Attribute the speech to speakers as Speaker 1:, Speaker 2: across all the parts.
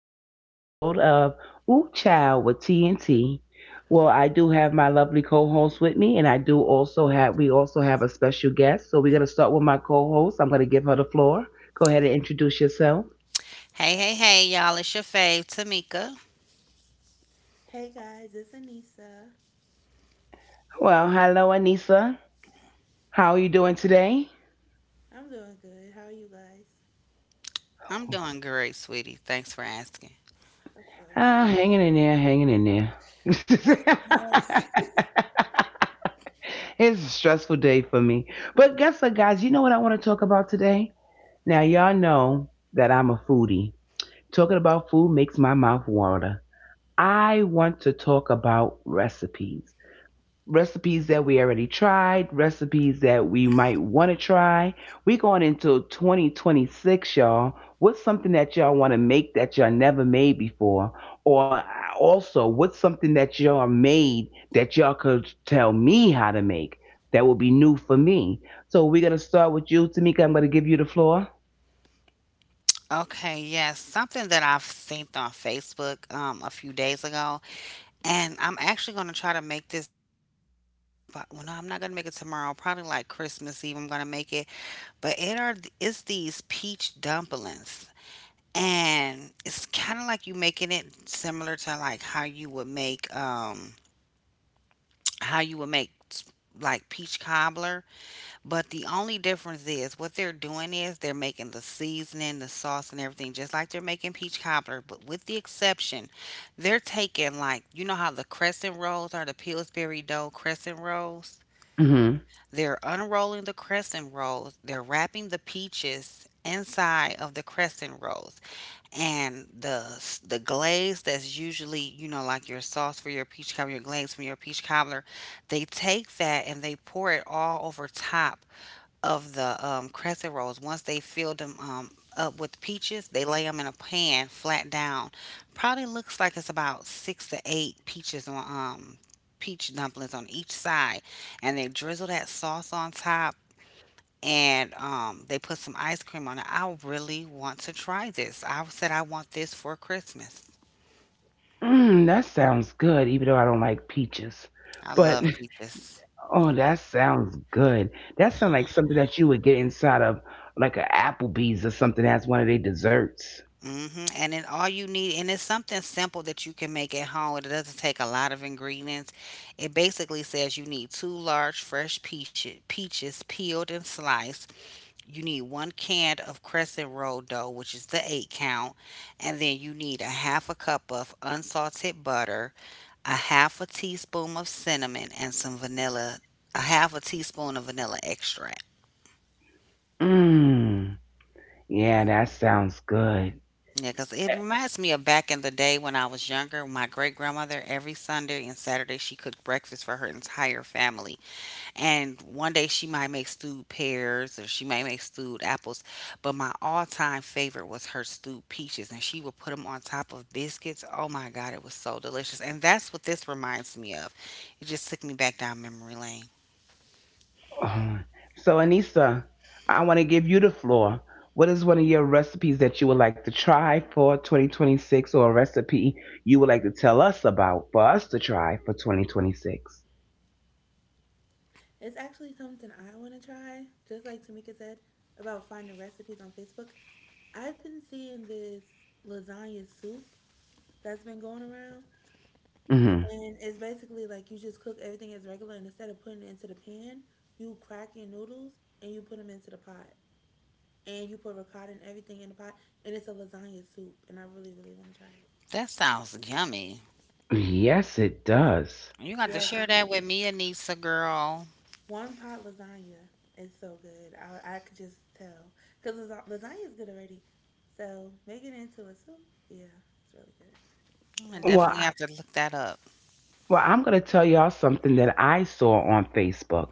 Speaker 1: another episode of Ooh Child with TNT. Well, I do have my lovely co-host with me, and I do also have we also have a special guest. So we're gonna start with my co-host. I'm gonna give her the floor. Go ahead and introduce yourself.
Speaker 2: Hey, hey, hey, y'all. It's your fave, Tamika.
Speaker 1: Well, hello, Anissa. How are you doing today?
Speaker 2: I'm doing great, sweetie. Thanks for asking.
Speaker 1: Ah, hanging in there, hanging in there. It's a stressful day for me. But guess what, guys? You know what I want to talk about today? Now, y'all know that I'm a foodie. Talking about food makes my mouth water. I want to talk about recipes. Recipes that we already tried, recipes that we might want to try. We going into 2026, y'all. What's something that y'all want to make that y'all never made before? Or also, what's something that y'all made that y'all could tell me how to make that will be new for me? So, we're going to start with you, Tamika. I'm going to give you the floor.
Speaker 2: Okay, yes, something that I've seen on Facebook a few days ago, and I'm actually going to try to make this. Well, no, I'm not going to make it tomorrow. Probably like Christmas Eve, I'm going to make it. But it are It's these peach dumplings, and it's kind of like you making it similar to like how you would make how you would make s- like peach cobbler. But the only difference is what they're doing is they're making the seasoning, the sauce, and everything just like they're making peach cobbler. But with the exception, they're taking, like, you know how the crescent rolls are, the Pillsbury dough crescent rolls.
Speaker 1: Mm-hmm.
Speaker 2: They're unrolling the crescent rolls. They're wrapping the peaches inside of the crescent rolls, and the glaze that's usually, you know, like your sauce for your peach cobbler, your glaze from your peach cobbler. They take that and they pour it all over top of the crescent rolls. Once they fill them up with peaches, they lay them in a pan flat down. Probably looks like it's about six to eight peaches on peach dumplings on each side, and they drizzle that sauce on top. And they put some ice cream on it. I really want to try this. I said I want this for Christmas.
Speaker 1: Mm, that sounds good, even though I don't like peaches.
Speaker 2: I
Speaker 1: But
Speaker 2: love peaches.
Speaker 1: oh, that sounds good. That sounds like something that you would get inside of like a Applebee's or something as one of their desserts.
Speaker 2: Hmm. And then all you need, and it's something simple that you can make at home. It doesn't take a lot of ingredients. It basically says you need two large fresh peaches, peaches peeled and sliced. You need one can of crescent roll dough, which is the eight count, and then you need a half a cup of unsalted butter, a half a teaspoon of cinnamon, and some vanilla, a half a teaspoon of vanilla extract.
Speaker 1: Mmm. Yeah, that sounds good.
Speaker 2: Yeah, because it
Speaker 1: Eh,
Speaker 2: reminds me of back in the day when I was younger. My great grandmother, every Sunday and Saturday, she cooked breakfast for her entire family. And one day she might make stewed pears or she might make stewed apples. But my all time favorite was her stewed peaches. And she would put them on top of biscuits. Oh my God, it was so delicious. And that's what this reminds me of. It just took me back down memory lane.
Speaker 1: oh. So, Anissa, I want to give you the floor. What is one of your recipes that you would like to try for 2026, or a recipe you would like to tell us about for us to try for 2026? Mm-hmm.
Speaker 2: That sounds yummy.
Speaker 1: Yes, it does.
Speaker 2: You got to share that with me, Anissa, girl. I
Speaker 1: Well,
Speaker 2: definitely have to look that up.
Speaker 1: well, I'm going to tell y'all something that I saw on Facebook.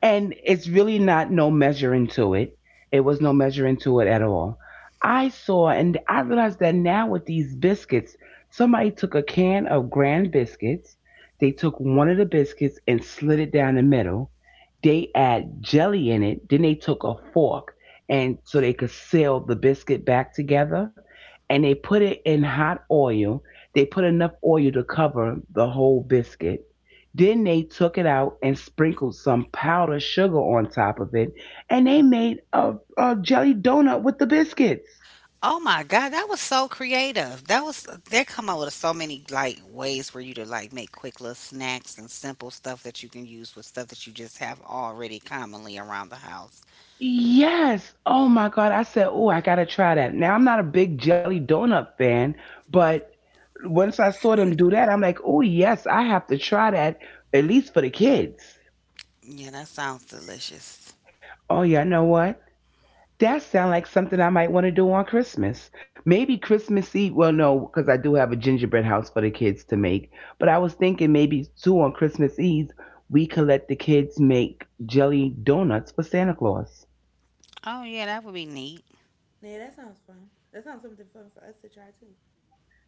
Speaker 1: And it's really not no measuring to it. It was no measuring to it at all. I saw and I realized that now with these biscuits, somebody took a can of grand biscuits, they took one of the biscuits and slid it down the middle. They add jelly in it, then they took a fork and so they could seal the biscuit back together, and they put it in hot oil. They put enough oil to cover the whole biscuit, then they took it out and sprinkled some powdered sugar on top of it, and they made a jelly donut with the biscuits.
Speaker 2: Oh my God, that was so creative. That was, they come up with so many like ways for you to like make quick little snacks and simple stuff that you can use with stuff that you just have already commonly around the house.
Speaker 1: Yes. Oh my God. I said, oh, I got to try that. Now, I'm not a big jelly donut fan, but once I saw them do that, I'm like, oh, yes, I have to try that, at least for the kids.
Speaker 2: Yeah, that sounds delicious.
Speaker 1: Oh, yeah, you know what? That sounds like something I might want to do on Christmas. Maybe Christmas Eve. Well, no, because I do have a gingerbread house for the kids to make. But I was thinking maybe too on Christmas Eve we could let the kids make jelly donuts for Santa Claus.
Speaker 2: Oh yeah, that would be neat.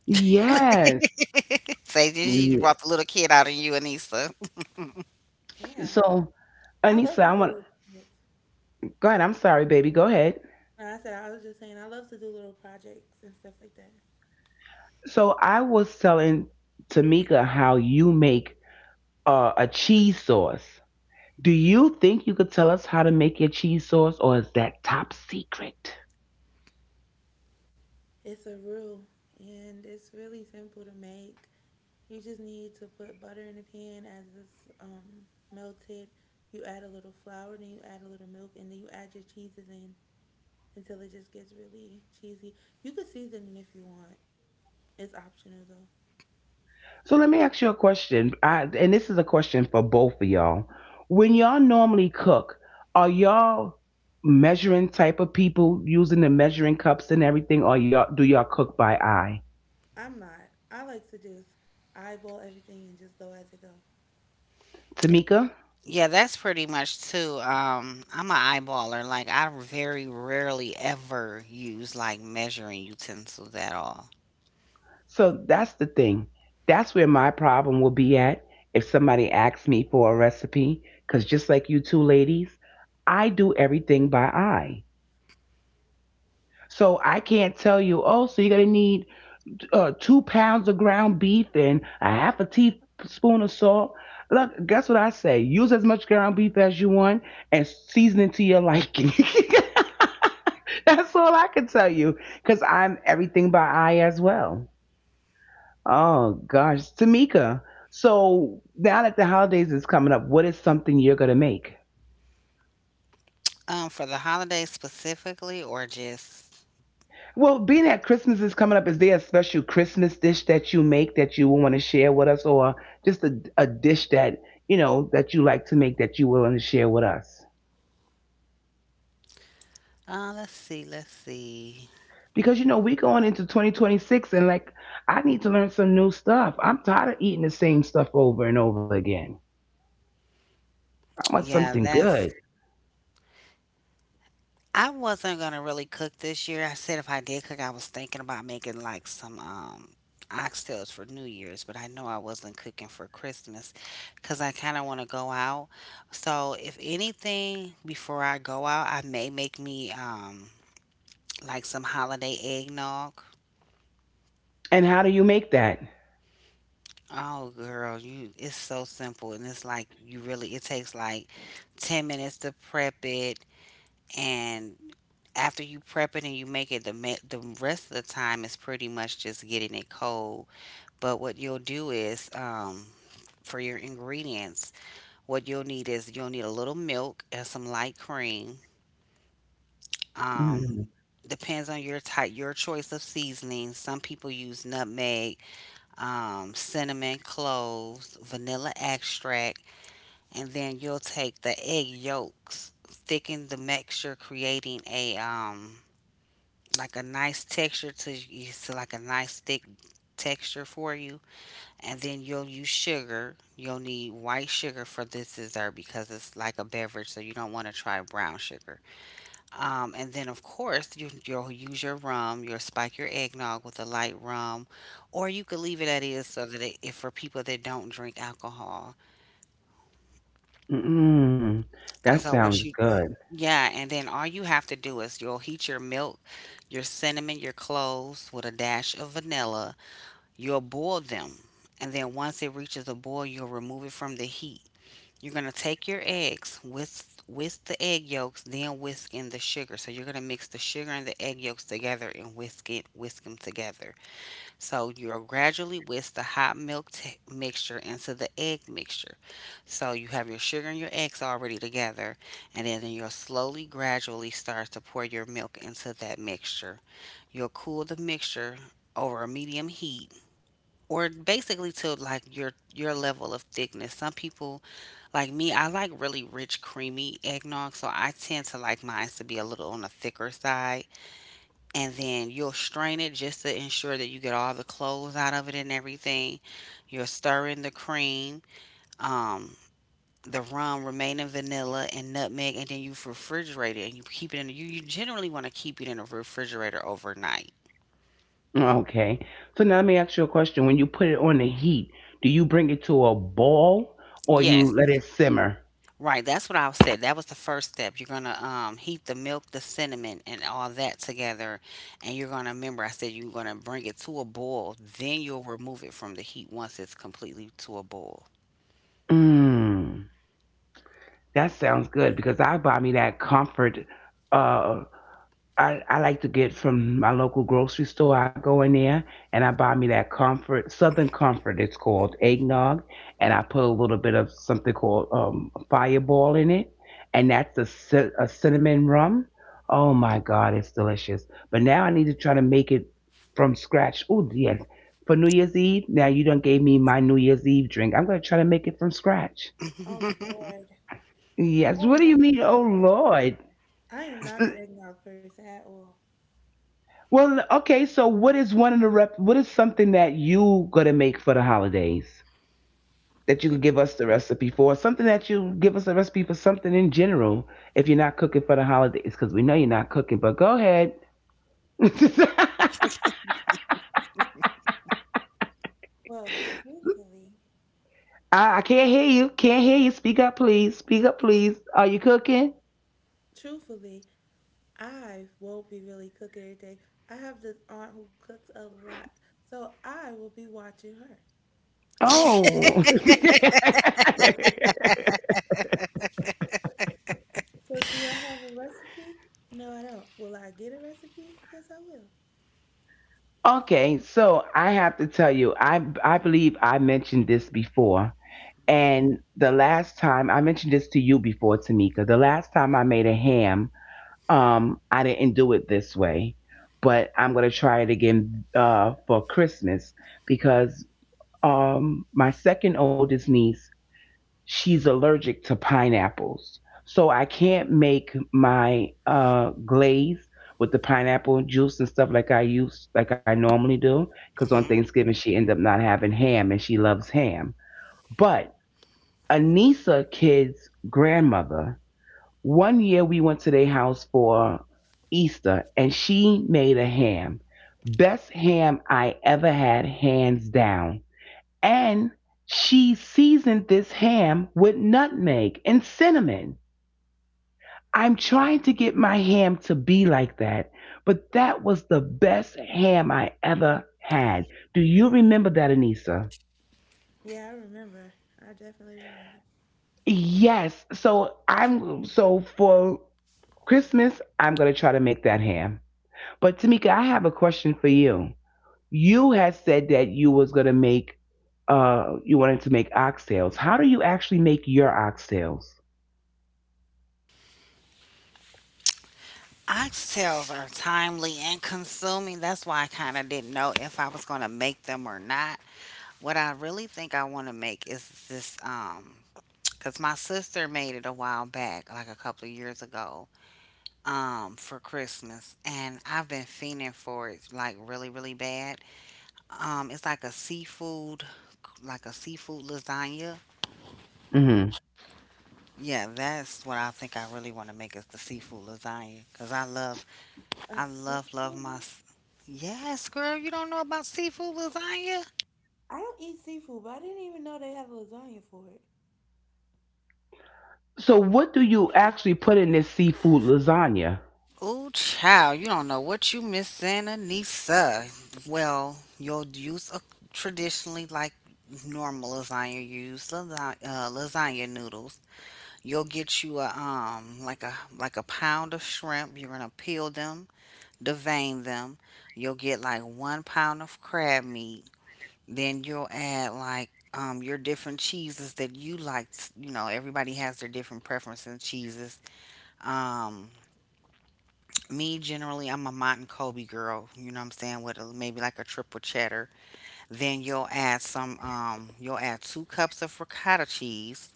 Speaker 1: Yes.
Speaker 2: Say, did you, brought the little kid out of you, Anissa.
Speaker 1: So, Anissa, I want. Go ahead. I'm sorry, baby. Go ahead. So I was telling Tamika how you make a cheese sauce. Do you think you could tell us how to make your cheese sauce, or is that top secret? So let me ask you a question, and this is a question for both of y'all. When y'all normally cook, are y'all measuring type of people using the measuring cups and everything, or y'all cook by eye? Tamika.
Speaker 2: Yeah, that's pretty much too. I'm an eyeballer. Like I very rarely ever use like measuring utensils at all.
Speaker 1: So that's the thing. That's where my problem will be at if somebody asks me for a recipe, because just like you two ladies, I do everything by eye. So I can't tell you, oh, so you're gonna need 2 pounds of ground beef and a half a teaspoon of salt. Look, guess what I say? Use as much ground beef as you want and season it to your liking. That's all I can tell you because I'm everything by eye as well. Oh, gosh. Tamika, so now that the holidays is coming up, what is something you're going to make?
Speaker 2: For the holidays specifically, or just
Speaker 1: Well, being that Christmas is coming up, is there a special Christmas dish that you make that you want to share with us, or just a dish that you know that you like to make that you willing to share with us?
Speaker 2: Let's see, let's see.
Speaker 1: Because you know we going into 2026, and like I need to learn some new stuff. I'm tired of eating the same stuff over and over again. I want
Speaker 2: Yeah,
Speaker 1: something
Speaker 2: that's.
Speaker 1: good.
Speaker 2: I wasn't gonna really cook this year. I said if I did cook, I was thinking about making like some oxtails for New Year's, but I know I wasn't cooking for Christmas because I kind of want to go out. So if anything, before I go out, I may make me like some holiday eggnog.
Speaker 1: And how do you make that?
Speaker 2: Oh girl, you, it's so simple, and it's like you really, it takes like 10 minutes to prep it. And after you prep it and you make it, the the rest of the time is pretty much just getting it cold. But what you'll do is, for your ingredients, what you'll need is you'll need a little milk and some light cream. Um,
Speaker 1: Mm,
Speaker 2: Depends on your type, your choice of seasoning. Some people use nutmeg, cinnamon, cloves, vanilla extract, and then you'll take the egg yolks, thicken the mixture, creating a like a nice texture to like a nice thick texture for you. And then you'll use sugar. You'll need white sugar for this dessert because it's like a beverage, so you don't want to try brown sugar. And then of course you'll use your rum. You'll spike your eggnog with a light rum, or you could leave it at is so that it, if for people that don't drink alcohol.
Speaker 1: mm,
Speaker 2: And
Speaker 1: that
Speaker 2: so
Speaker 1: sounds
Speaker 2: what you
Speaker 1: good.
Speaker 2: yeah, and then all you have to do is you'll heat your milk, your cinnamon, your cloves, with a dash of vanilla. You'll boil them, and then once it reaches a boil, you'll remove it from the heat. You're gonna take your eggs, whisk the egg yolks, then whisk in the sugar. So you're gonna mix the sugar and the egg yolks together and whisk it, whisk them together. So you'll gradually whisk the hot mixture into the egg mixture. So you have your sugar and your eggs already together, and then you'll slowly, gradually start to pour your milk into that mixture. You'll cool the mixture over a medium heat, or basically to like your level of thickness. Some people like me, I like really rich creamy eggnog, so I tend to like mine to be a little on the thicker side. And then you'll strain it just to ensure that you get all the cloves out of it and everything. You'll stir in the cream, um, the rum, remaining vanilla and nutmeg, and then you refrigerate it, and you keep it in, you generally want to keep it in a refrigerator overnight.
Speaker 1: Okay. So now let me ask you a question. When you put it on the heat, do you bring it to a boil or you
Speaker 2: Yes,
Speaker 1: let it simmer?
Speaker 2: right, that's what I said. That was the first step. You're gonna heat the milk, the cinnamon, and all that together, and you're gonna remember, I said you're gonna bring it to a boil. Then you'll remove it from the heat once it's completely to a boil.
Speaker 1: Mmm. That sounds good because I buy me that comfort uh I like to get from my local grocery store. I go in there and I buy me that comfort, Southern Comfort, it's called eggnog. And I put a little bit of something called fireball in it. And that's a cinnamon rum. Oh my God, it's delicious. But now I need to try to make it from scratch. Oh, yes. For New Year's Eve, now you done gave me my New Year's Eve drink. I'm going to try to make it from scratch. Yes. What do you mean? Oh, Lord. Well, okay. So, what is one of the rep? What is something that you gonna make for the holidays that you could give us the recipe for? Something that you give us a recipe for, something in general. If you're not cooking for the holidays, because we know you're not cooking. But go ahead. I, I can't hear you. Can't hear you. Speak up, please. Speak up, please. Are you cooking? Oh. Okay. So I have to tell you, I believe I mentioned this before. And the last time I mentioned this to you before, Tamika, the last time I made a ham, I didn't do it this way, but I'm gonna try it again for Christmas because my second oldest niece, she's allergic to pineapples, so I can't make my glaze with the pineapple juice and stuff like I used, like I normally do, because on
Speaker 2: Hmm.
Speaker 1: Thanksgiving she ended up not having ham and she loves ham, but Anissa kid's grandmother. One year we went to their house for Easter and she made a ham. Best ham I ever had, hands down. And she seasoned this ham with nutmeg and cinnamon. I'm trying to get my ham to be like that, but that was the best ham I ever had. Do you remember that, Anissa? Yes. So I'm so for Christmas, I'm going to try to make that ham. But Tamika, I have a question for you. You had said that you was going to make, you wanted to make oxtails. How do you actually make your oxtails?
Speaker 2: Oxtails are timely and consuming. That's why I kind of didn't know if I was going to make them or not. What I really think I want to make is this, cuz my sister made it a while back, like a couple of years ago, for Christmas, and I've been fiending for it like really really bad. It's like a seafood, like a seafood lasagna.
Speaker 1: Hmm.
Speaker 2: Yeah, that's what I think I really want to make is the seafood lasagna, cuz I love, I love love yes, girl, you don't know about seafood lasagna?
Speaker 1: So what do you actually put in this seafood lasagna?
Speaker 2: Oh, child, you don't know what you missing, Anissa. Well, you'll use a traditionally like normal lasagna. You use lasagna, lasagna noodles. You'll get you a like a pound of shrimp. You're gonna peel them, devein them. You'll get like one pound of crab meat. Then you'll add like your different cheeses that you like. You know, everybody has their different preferences in cheeses. Um Me generally, I'm a mott and Kobe girl, you know what I'm saying, with a, maybe like a triple cheddar. Then you'll add some you'll add two cups of ricotta cheese.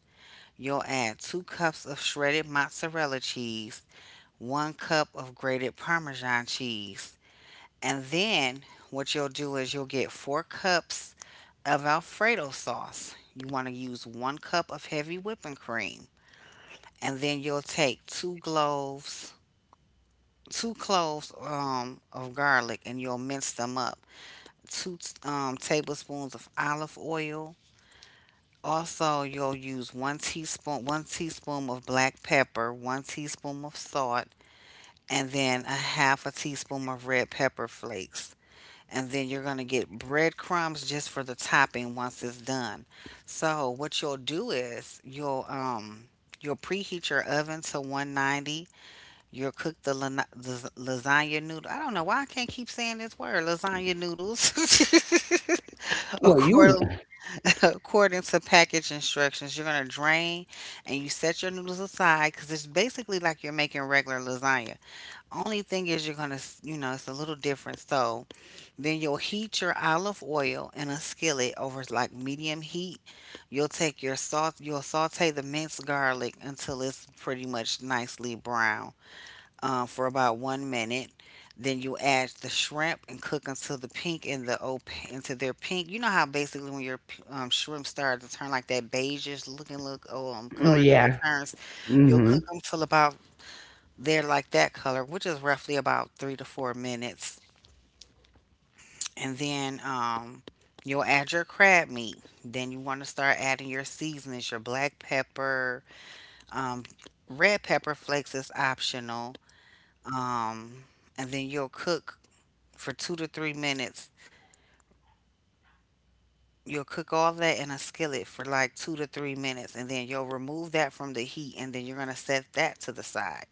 Speaker 2: You'll add two cups of shredded mozzarella cheese, one cup of grated Parmesan cheese. And then what you'll do is you'll get four cups of Alfredo sauce. You want to use one cup of heavy whipping cream. And then you'll take two cloves of garlic, and you'll mince them up. Two tablespoons of olive oil. Also, you'll use one teaspoon of black pepper, one teaspoon of salt, and then a half a teaspoon of red pepper flakes. And then you're going to get breadcrumbs just for the topping once it's done. So what you'll do is you'll preheat your oven to 190. You'll cook the the lasagna noodle. I don't know why I can't keep saying this word, lasagna noodles.
Speaker 1: Well, you,
Speaker 2: According, according to package instructions, you're going to drain and you set your noodles aside because it's basically like you're making regular lasagna. Only thing is you're gonna, you know, it's a little different. So then you'll heat your olive oil in a skillet over like medium heat. You'll take your salt, you'll saute the minced garlic until it's pretty much nicely brown for about one minute. Then you add the shrimp and cook until the pink and the op into their pink. You know how basically when your shrimp start to turn like that beigeish looking look
Speaker 1: oh,
Speaker 2: color that it
Speaker 1: yeah.
Speaker 2: turns, you'll
Speaker 1: Hmm.
Speaker 2: cook them till about there, like that color, which is roughly about three to four minutes. And then you'll add your crab meat. Then you want to start adding your seasonings, your black pepper, um, red pepper flakes is optional. Um, and then you'll cook for two to three minutes. You'll cook all that in a skillet for like 2 to 3 minutes, and then you'll remove that from the heat, and then you're gonna set that to the side.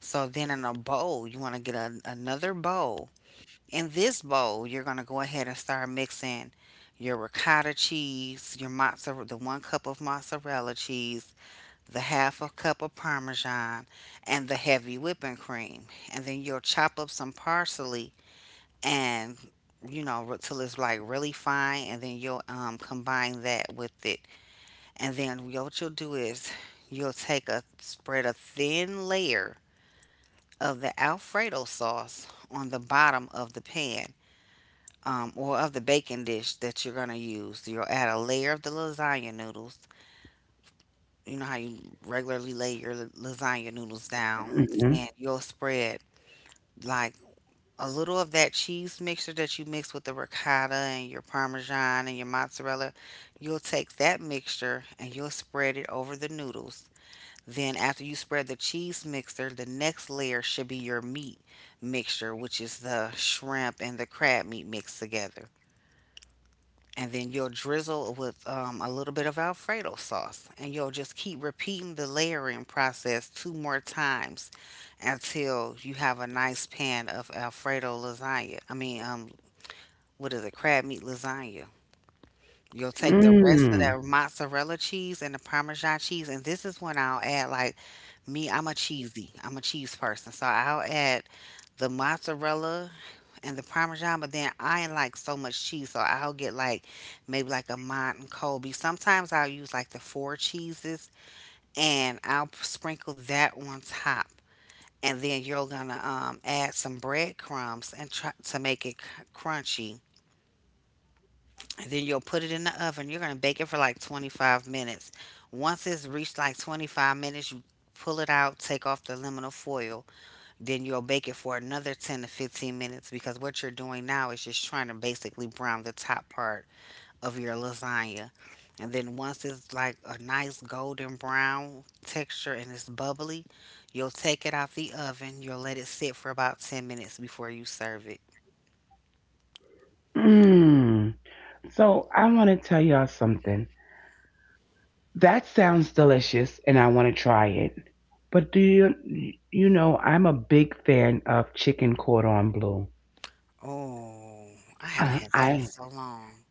Speaker 2: So then in a bowl, you want to get another bowl. In this bowl, you're going to go ahead and start mixing your ricotta cheese, your mozzarella, the one cup of mozzarella cheese, the half a cup of parmesan, and the heavy whipping cream. And then you'll chop up some parsley and till it's like really fine, and then you'll combine that with it. And then what you'll do is you'll take a spread a thin layer of the Alfredo sauce on the bottom of the pan, or of the baking dish that you're gonna use. You'll add a layer of the lasagna noodles. You know how you regularly lay your lasagna noodles down,
Speaker 1: Hmm.
Speaker 2: and you'll spread like a little of that cheese mixture that you mix with the ricotta and your parmesan and your mozzarella. You'll take that mixture and you'll spread it over the noodles. Then, after you spread the cheese mixture, the next layer should be your meat mixture, which is the shrimp and the crab meat mixed together. And then you'll drizzle with a little bit of Alfredo sauce, and you'll just keep repeating the layering process two more times until you have a nice pan of Alfredo lasagna. What is it? Crab meat lasagna. You'll take the rest of
Speaker 1: Mm.
Speaker 2: that mozzarella cheese and the Parmesan cheese, and this is when I'll add like me. I'm a cheesy. I'm a cheese person, so I'll add the mozzarella and the parmesan, but then I ain't like so much cheese, so I'll get like maybe like a Mont and Colby. Sometimes I'll use like the four cheeses and I'll sprinkle that on top. And then you're gonna add some breadcrumbs and try to make it crunchy. And then you'll put it in the oven. You're gonna bake it for like 25 minutes. Once it's reached like 25 minutes, you pull it out, take off the aluminum foil, then you'll bake it for another 10 to 15 minutes, because what you're doing now is just trying to basically brown the top part of your lasagna. And then once it's like a nice golden brown texture and it's bubbly, you'll take it out the oven. You'll let it sit for about 10 minutes before you serve it.
Speaker 1: Mm. So I want to tell y'all something. That sounds delicious, and I want to try it. But do you, you know, I'm a big fan of chicken cordon bleu.
Speaker 2: Oh, I haven't
Speaker 1: Uh,
Speaker 2: had that in
Speaker 1: I,
Speaker 2: so long.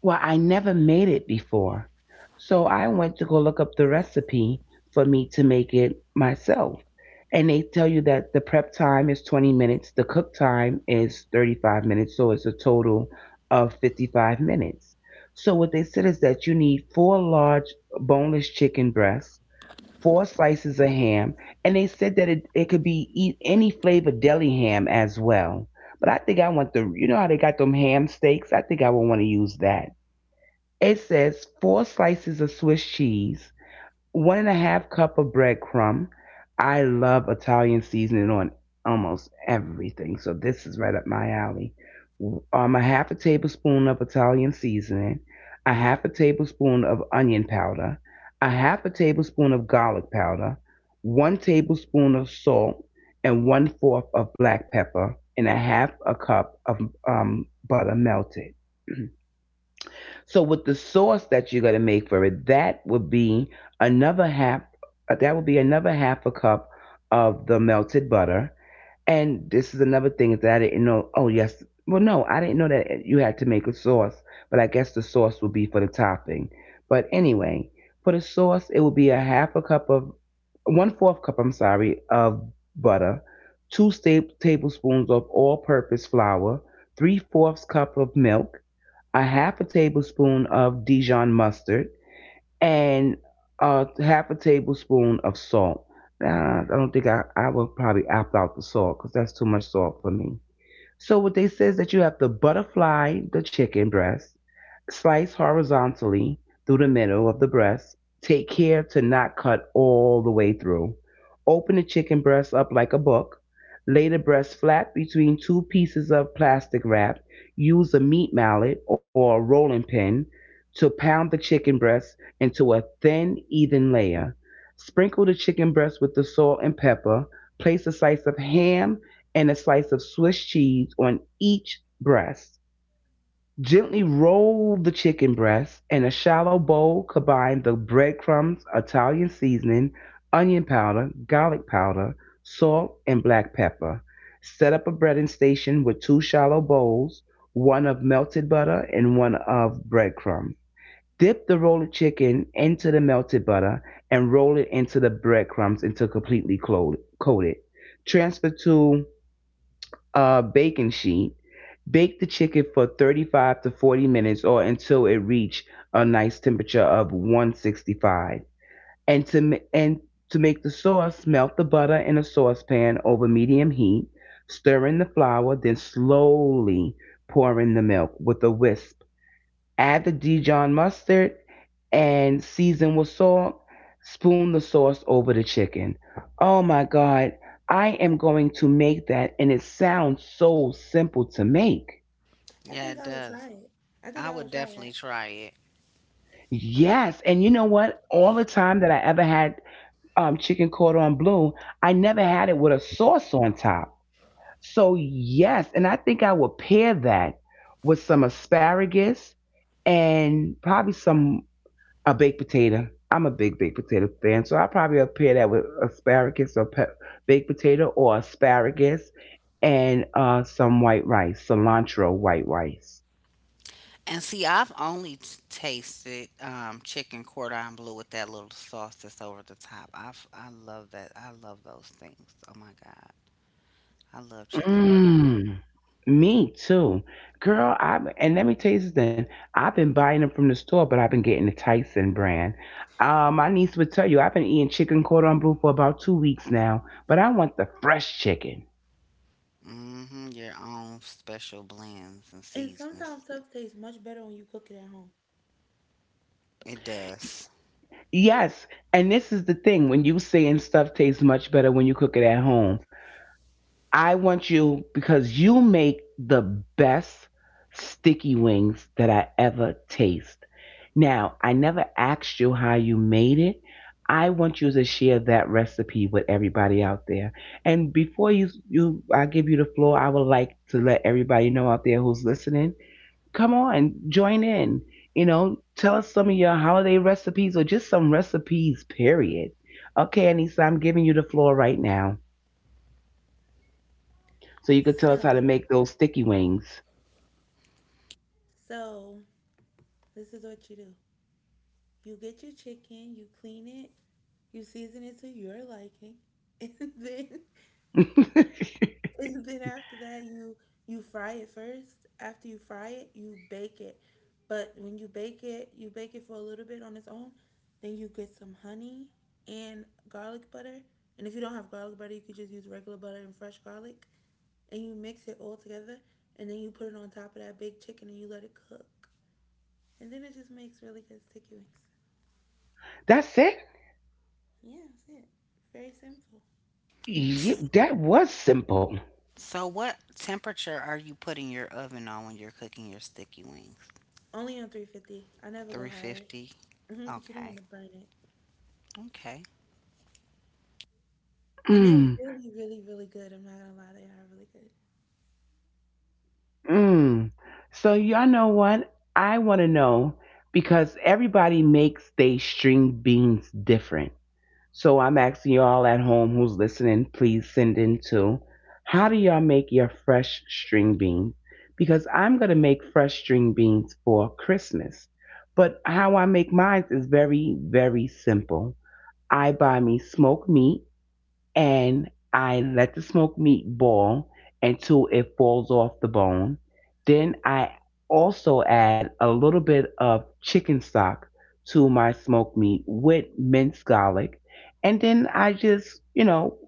Speaker 1: well, I never made it before. So I went to go look up the recipe for me to make it myself. And they tell you that the prep time is 20 minutes, the cook time is 35 minutes, so it's a total of 55 minutes. So what they said is that you need four large boneless chicken breasts, four slices of ham, and they said that it could be eat any flavor deli ham as well. But I think I want the, you know how they got them ham steaks? I think I would want to use that. It says four slices of Swiss cheese, one and a half cup of breadcrumb. I love Italian seasoning on almost everything, so this is right up my alley. A half a tablespoon of Italian seasoning, a half a tablespoon of onion powder, a half a tablespoon of garlic powder, 1 tablespoon of salt, and one fourth of black pepper, and a half a cup of butter, melted. So with the sauce that you're going to make for it, that would be another half that would be another half a cup of the melted butter. And this is another thing that I didn't know. Oh yes, well no, I didn't know that you had to make a sauce, but I guess the sauce would be for the topping. But anyway, for the sauce, it would be a half a cup of one fourth cup, I'm sorry, of butter, two tablespoons of all purpose flour, three fourths cup of milk, a half a tablespoon of Dijon mustard, and a half a tablespoon of salt. Nah, I don't think I would probably opt out the salt because that's too much salt for me. So what they say is that you have to butterfly the chicken breast, slice horizontally through the middle of the breast. Take care to not cut all the way through. Open the chicken breast up like a book. Lay the breast flat between two pieces of plastic wrap. Use a meat mallet or a rolling pin to pound the chicken breast into a thin, even layer. Sprinkle the chicken breast with the salt and pepper. Place a slice of ham and a slice of Swiss cheese on each breast. Gently roll the chicken breast in a shallow bowl. Combine the breadcrumbs, Italian seasoning, onion powder, garlic powder, salt, and black pepper. Set up a breading station with two shallow bowls, one of melted butter and one of breadcrumbs. Dip the rolled chicken into the melted butter and roll it into the breadcrumbs until completely coated. Transfer to a baking sheet. Bake the chicken for 35 to 40 minutes or until it reach a nice temperature of 165. And to and to make the sauce, melt the butter in a saucepan over medium heat, stir in the flour, then slowly pour in the milk with a whisk. Add the Dijon mustard and season with salt. Spoon the sauce over the chicken. Oh my god, I am going to make that and it sounds so simple to make.
Speaker 2: Yeah, it does. I would definitely try it.
Speaker 1: Yes, and you know what? All the time that I ever had chicken cordon bleu, I never had it with a sauce on top. So yes, and I think I would pair that with some asparagus and probably some a baked potato. I'm a big baked potato fan, so I probably would pair that with asparagus or baked potato or asparagus and some white rice, cilantro white rice.
Speaker 2: And see, I've only tasted chicken cordon bleu with that little sauce that's over the top. I love that. I love those things. Oh my God. I love chicken
Speaker 1: Mm, me too. Girl, I and let me tell you something. I've been buying them from the store, but I've been getting the Tyson brand. My niece would tell you I've been eating chicken cordon bleu for about 2 weeks now, but I want the fresh chicken.
Speaker 2: cordon. Hmm. Your own special blends and seasonings. It does.
Speaker 1: Yes, and this is the thing when you saying stuff tastes much better when you cook it at home. I want you because you make the best sticky wings that I ever taste. Now, I never asked you how you made it. I want you to share that recipe with everybody out there. And before you I give you the floor, I would like to let everybody know out there who's listening. Come on, join in. You know, tell us some of your holiday recipes or just some recipes, period. Okay, Anissa, I'm giving you the floor right now. So you could tell us how to make those sticky wings. That's it.
Speaker 2: S-
Speaker 1: That was simple.
Speaker 2: So, what temperature are you putting your oven on when you're cooking your sticky wings? 350? Okay. Okay.
Speaker 1: Mm, mm. So y'all know what? I want to know because everybody makes they string beans different. So I'm asking you all at home who's listening, please send in too. How do y'all make your fresh string beans? Because I'm going to make fresh string beans for Christmas. But how I make mine is very, very simple. I buy me smoked meat and I let the smoked meat boil until it falls off the bone. Then I also add a little bit of chicken stock to my smoked meat with minced garlic. And then I just, you know,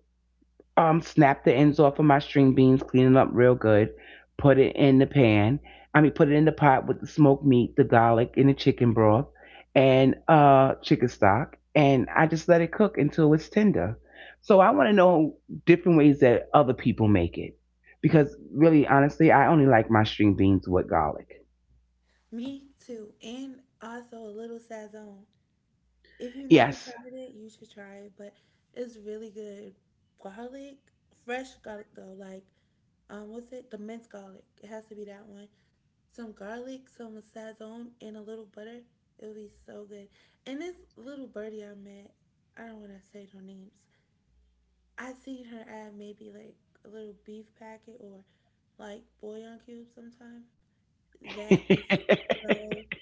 Speaker 1: snap the ends off of my string beans, clean it up real good. Put it in the pan. I mean, put it in the pot with the smoked meat, the garlic, and the chicken broth, and chicken stock. And I just let it cook until it's tender. So I want to know different ways that other people make it, because really, honestly, I only like my string beans with garlic. Yes.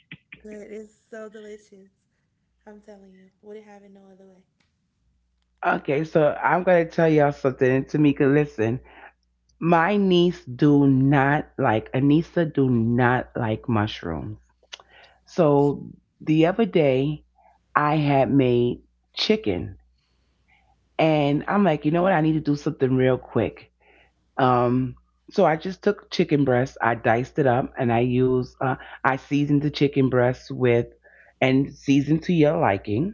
Speaker 1: Okay, so I'm gonna tell y'all something. And Tamika, listen. My niece do not like, Anissa do not like mushrooms. So the other day I had made chicken and I'm like, you know what? I need to do something real quick. Um so I just took chicken breast, I diced it up and I used I seasoned the chicken breast with and seasoned to your liking.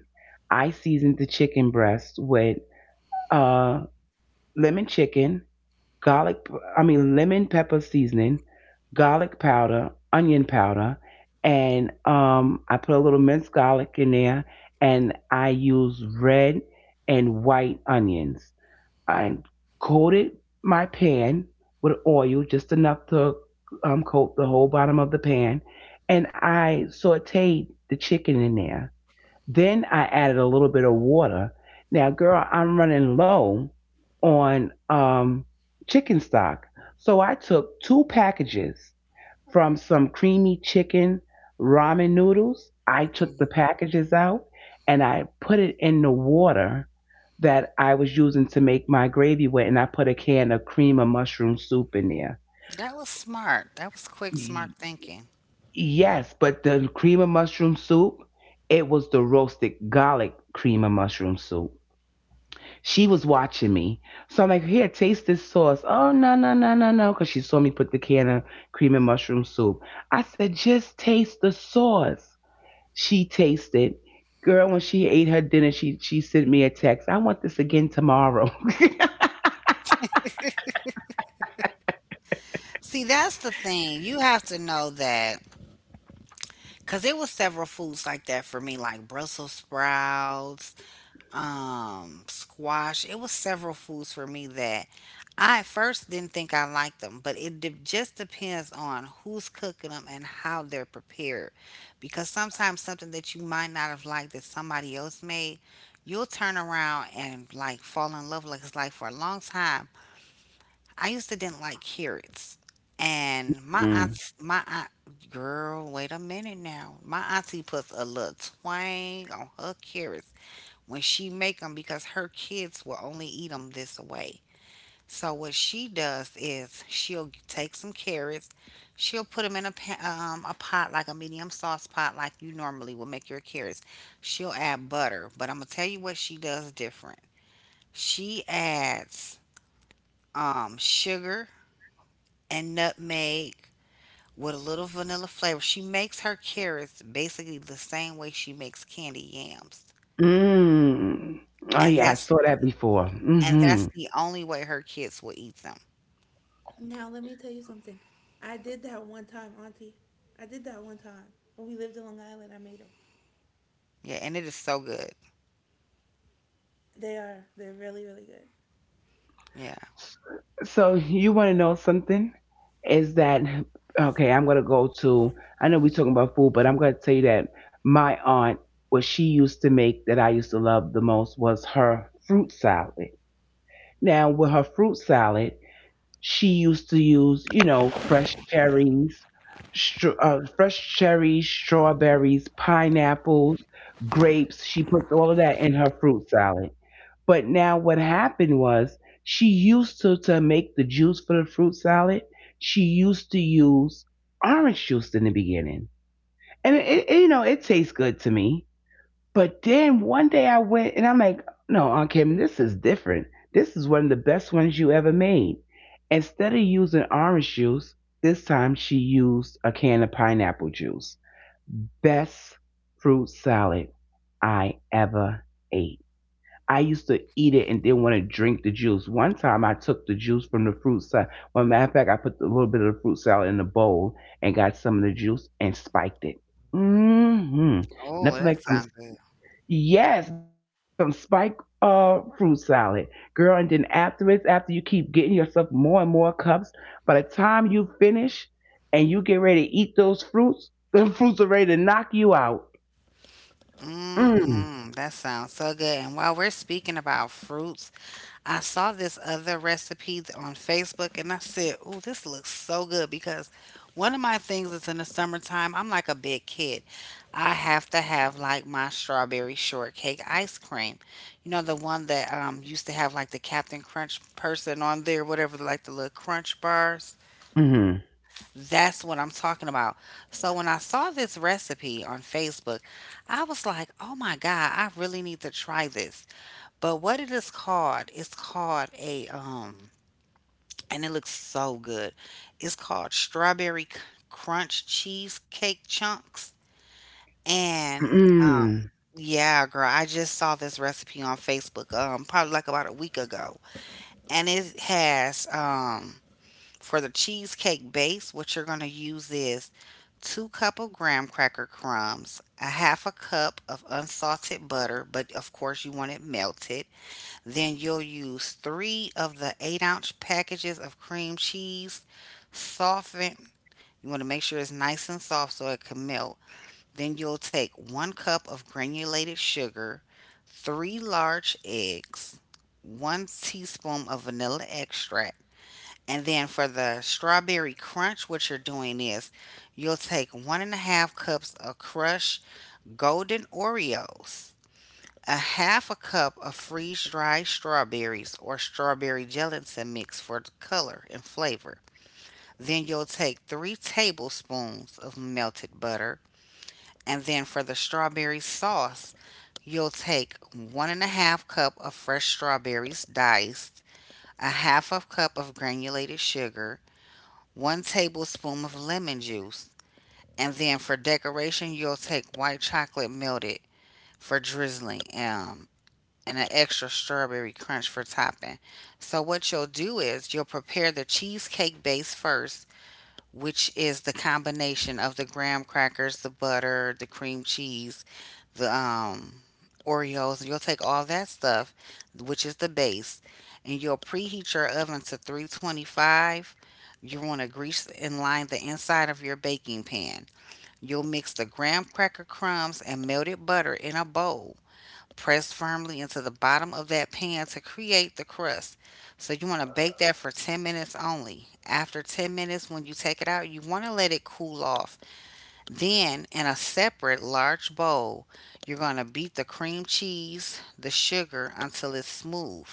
Speaker 1: I seasoned the chicken breast with uh lemon chicken garlic, I mean, lemon pepper seasoning, garlic powder, onion powder, and I put a little minced garlic in there, and I use red and white onions. I coated my pan with oil, just enough to coat the whole bottom of the pan, and I sauteed the chicken in there, then I added a little bit of water. Now, girl, I'm running low on chicken stock. So I took two packages from some creamy chicken ramen noodles. I took
Speaker 2: Mm.
Speaker 1: the packages out and I put it in the water that I was using to make my gravy with. And I put a can of cream of mushroom soup in there.
Speaker 2: That was smart. That was quick, smart
Speaker 1: Y-
Speaker 2: thinking.
Speaker 1: Yes, but the cream of mushroom soup, it was the roasted garlic cream of mushroom soup. She was watching me. So I'm like, here, taste this sauce. Oh, no, no, no, no, no. Because she saw me put the can of cream and mushroom soup. I said, just taste the sauce. She tasted. Girl, when she ate her dinner, she sent me a text. I want this again tomorrow.
Speaker 2: See, that's the thing. You have to know that. Cause it was several foods like that for me, like Brussels sprouts, squash. It was several foods for me that I at first didn't think I liked them, but it just depends on who's cooking them and how they're prepared. Because sometimes something that you might not have liked that somebody else made, you'll turn around and like fall in love. Like it's like for a long time, I used to didn't like carrots. And my aunt,
Speaker 1: Mm.
Speaker 2: my aunt, girl, wait a minute now. My auntie puts a little twang on her carrots when she make them because her kids will only eat them this way. So what she does is she'll take some carrots, she'll put them in a a pot, like a medium sauce pot like you normally would make your carrots. She'll add butter, but I'm gonna tell you what she does different. She adds sugar and nutmeg with a little vanilla flavor. She makes her carrots basically the same way she makes candy yams.
Speaker 1: Mm. Oh,
Speaker 2: And
Speaker 1: yeah, I
Speaker 2: that's
Speaker 1: saw that before.
Speaker 2: and
Speaker 1: Mm-hmm.
Speaker 2: that's the only way her kids will eat them. Yeah, and it is so good. Yeah.
Speaker 1: So you want to know something? Is that okay? I'm gonna go to. I know we're talking about food, but I'm gonna tell you that my aunt, what she used to make that I used to love the most was her fruit salad. Now with her fruit salad, she used to use you know fresh cherries, fresh cherries, strawberries, pineapples, grapes. She puts all of that in her fruit salad. But now what happened was she used to make the juice for the fruit salad. She used to use orange juice in the beginning, and you know it tastes good to me. But then one day I went and I'm like, no, Aunt Kim, this is different. This is one of the best ones you ever made. Instead of using orange juice, this time she used a can of pineapple juice. Best fruit salad I ever ate. I used to eat it and didn't want to drink the juice. One time I took the juice from the fruit salad. Well, matter of fact, I put a little bit of the fruit salad in a bowl and got some of the juice and spiked it. Hmm.
Speaker 2: Oh,
Speaker 1: Nothing
Speaker 2: that
Speaker 1: like some,
Speaker 2: sounds good.
Speaker 1: yes, nothing like some spiked fruit salad. Girl, and then afterwards, after you keep getting yourself more and more cups, by the time you finish and you get ready to eat those fruits, the fruits are ready to knock you out. Mm,
Speaker 2: Mm-mm, that sounds so good. And while we're speaking about fruits, I saw this other recipe on Facebook and I said, "Oh, this looks so good," because one of my things is in the summertime, I'm like a big kid. I have to have like my strawberry shortcake ice cream. You know, the one that used to have like the Captain Crunch person on there, whatever, like the little crunch bars.
Speaker 1: mm,
Speaker 2: That's what I'm talking about. So when I saw this recipe on Facebook, I was like, "Oh my god, I really need to try this." But what it is called, it's called a and it looks so good. It's called strawberry crunch cheesecake chunks, and um
Speaker 1: mm,
Speaker 2: yeah, girl, I just saw this recipe on Facebook probably like about a week ago. And it has for the cheesecake base, what you're going to use is two cup of graham cracker crumbs, a half a cup of unsalted butter, but of course you want it melted. Then you'll use three of the 8 ounce packages of cream cheese, soften. You want to make sure it's nice and soft so it can melt. Then you'll take 1 cup of granulated sugar, 3 large eggs, 1 teaspoon of vanilla extract, and then for the strawberry crunch, what you're doing is you'll take one and a half cups of crushed golden Oreos, a half a cup of freeze dried strawberries or strawberry gelatin mix for the color and flavor. Then you'll take 3 tablespoons of melted butter. And then for the strawberry sauce, you'll take one and a half cup of fresh strawberries diced, a half a cup of granulated sugar, 1 tablespoon of lemon juice, and then for decoration, you'll take white chocolate melted for drizzling, and an extra strawberry crunch for topping. So, what you'll do is you'll prepare the cheesecake base first, which is the combination of the graham crackers, the butter, the cream cheese, the Oreos. You'll take all that stuff, which is the base, and you'll preheat your oven to 325. You want to grease and line the inside of your baking pan. You'll mix the graham cracker crumbs and melted butter in a bowl. Press firmly into the bottom of that pan to create the crust. So you want to bake that for 10 minutes only. After 10 minutes, when you take it out, you want to let it cool off. Then, in a separate large bowl, you're going to beat the cream cheese, the sugar until it's smooth.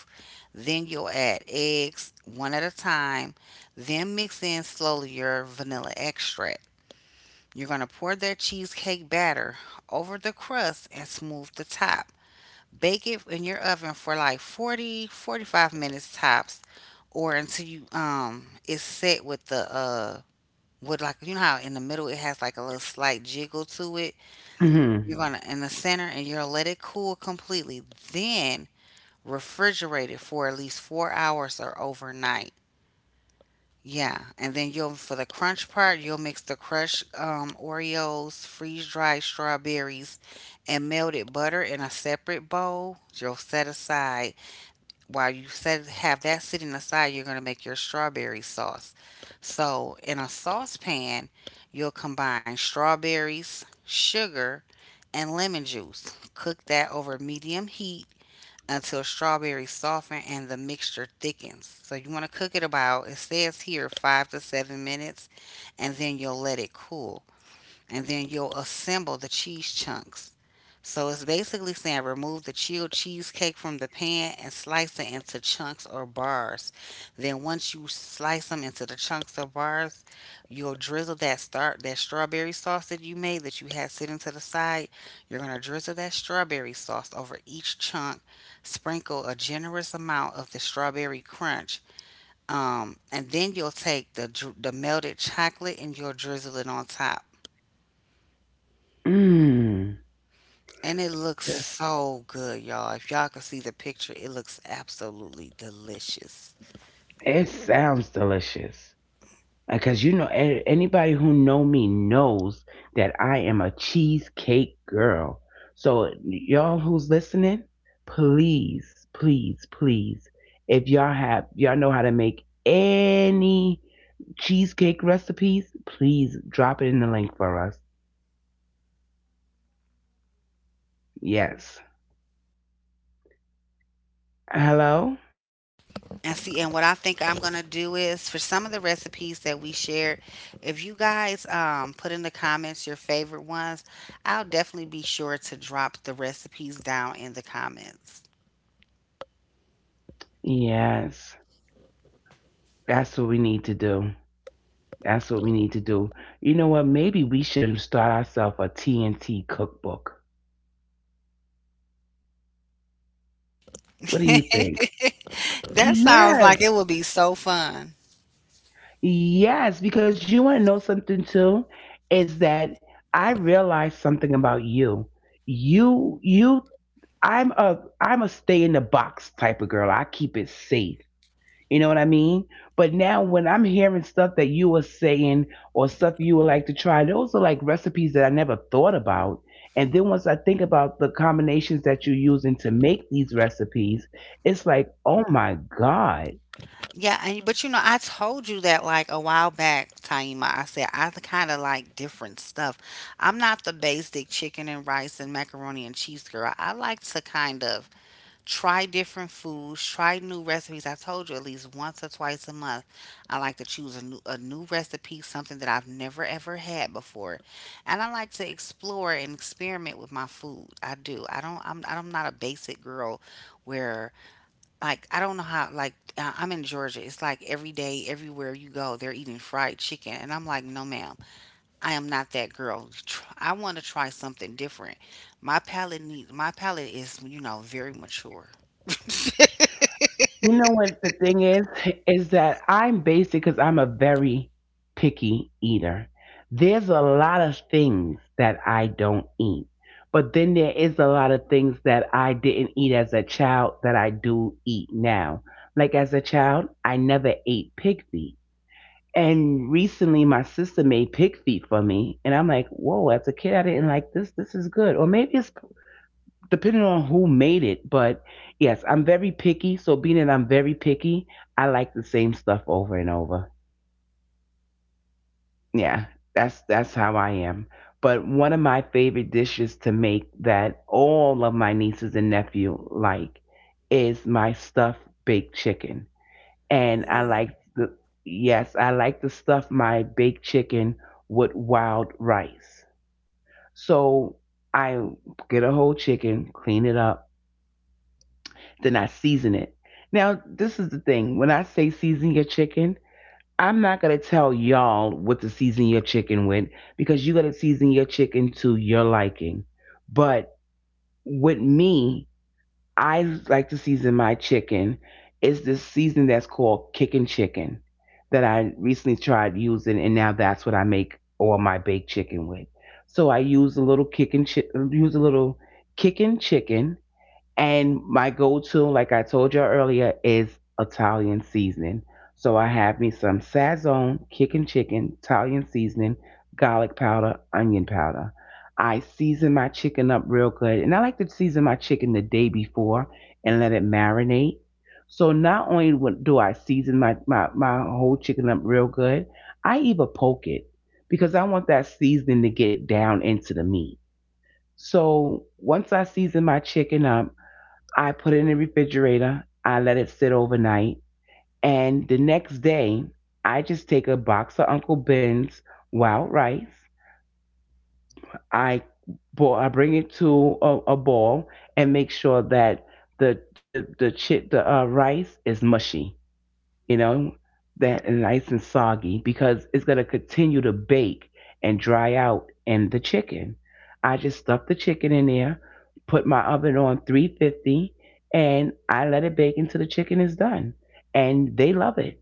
Speaker 2: Then you'll add eggs one at a time, then mix in slowly your vanilla extract. You're going to pour that cheesecake batter over the crust and smooth the top. Bake it in your oven for like 40, 45 minutes tops or until you it's set with the with like, you know how in the middle it has like a little slight jiggle to it.
Speaker 1: mm,
Speaker 2: You're gonna in the center and you're gonna let it cool completely. Then refrigerate it for at least 4 hours or overnight. Yeah, and then you'll for the crunch part, you'll mix the crushed Oreos, freeze dried strawberries, and melted butter in a separate bowl. You'll set aside, while you set have that sitting aside, you're going to make your strawberry sauce. So, in a saucepan, you'll combine strawberries, sugar, and lemon juice. Cook that over medium heat until strawberries soften and the mixture thickens. So, you want to cook it about, it says here 5 to 7 minutes, and then you'll let it cool. And then you'll assemble the cheese chunks. So it's basically saying remove the chilled cheesecake from the pan and slice it into chunks or bars. Then once you slice them into the chunks or bars, you'll drizzle that start that strawberry sauce that you made that you had sitting to the side. You're gonna drizzle that strawberry sauce over each chunk. Sprinkle a generous amount of the strawberry crunch, and then you'll take the melted chocolate and you'll drizzle it on top.
Speaker 1: mm.
Speaker 2: And it looks so good, y'all. If y'all could see the picture, it looks absolutely delicious.
Speaker 1: It sounds delicious. Because you know, anybody who know me knows that I am a cheesecake girl. So y'all who's listening, please, please, please, if y'all have y'all know how to make any cheesecake recipes, please drop it in the link for us. Yes. Hello?
Speaker 2: And see, and what I think I'm gonna do is for some of the recipes that we shared, if you guys put in the comments your favorite ones, I'll definitely be sure to drop the recipes down in the comments.
Speaker 1: Yes. That's what we need to do. That's what we need to do. You know what? Maybe we should start ourselves a TNT cookbook. What do you think?
Speaker 2: That sounds
Speaker 1: Yes,
Speaker 2: like it would be so fun.
Speaker 1: yes, because you want to know something too, is that I realized something about you. You, you, I'm a stay in the box type of girl. I keep it safe. You know what I mean? But now when I'm hearing stuff that you were saying or stuff you would like to try, those are like recipes that I never thought about. And then once I think about the combinations that you're using to make these recipes, it's like, oh my God.
Speaker 2: Yeah, and but you know, I told you that like a while back, Taima. I said I kind of like different stuff. I'm not the basic chicken and rice and macaroni and cheese girl. I like to kind of try different foods, try new recipes. I told you at least once or twice a month, I like to choose a new recipe, something that I've never ever had before, and I like to explore and experiment with my food. I do. I don't. I'm not a basic girl where like I don't know how I'm in Georgia. It's like every day, everywhere you go, they're eating fried chicken, and I'm like, no, ma'am, I am not that girl. I want to try something different. My palate is, you know, very mature.
Speaker 1: You know what the thing is? Is that I'm basic because I'm a very picky eater. There's a lot of things that I don't eat, but then there is a lot of things that I didn't eat as a child that I do eat now. Like as a child, I never ate pig feet. And recently, my sister made pig feet for me, and I'm like, "Whoa!" As a kid, I didn't like this. This is good, or maybe it's depending on who made it. But yes, I'm very picky. So being that I'm very picky, I like the same stuff over and over. Yeah, that's how I am. But one of my favorite dishes to make that all of my nieces and nephew like is my stuffed baked chicken. And I like
Speaker 3: Mm,
Speaker 1: the, yes, I like to stuff my baked chicken with wild rice. So I get a whole chicken, clean it up, then I season it. Now, this is the thing. When I say season your chicken, I'm not going to tell y'all what to season your chicken with because you got to season your chicken to your liking. But with me, I like to season my chicken. It's this season that's called kickin' chicken that I recently tried using, and now that's what I make all my baked chicken with. So I use a use a little kickin' chicken, and my go to, like I told you earlier, is Italian seasoning. So I have me some Sazon, kicking chicken, Italian seasoning, garlic powder, onion powder. I season my chicken up real good. And I like to season my chicken the day before and let it marinate. So not only would- do I season my whole chicken up real good, I even poke it because I want that seasoning to get down into the meat. So once I season my chicken up, I put it in the refrigerator. I let it sit overnight. And the next day, I just take a box of Uncle Ben's wild rice. I, I bring it to a boil and make sure that the rice is mushy, you know, that nice and soggy because it's going to continue to bake and dry out in the chicken. I just stuffed the chicken in there, put my oven on 350, and I let it bake until the chicken is done. And they love it.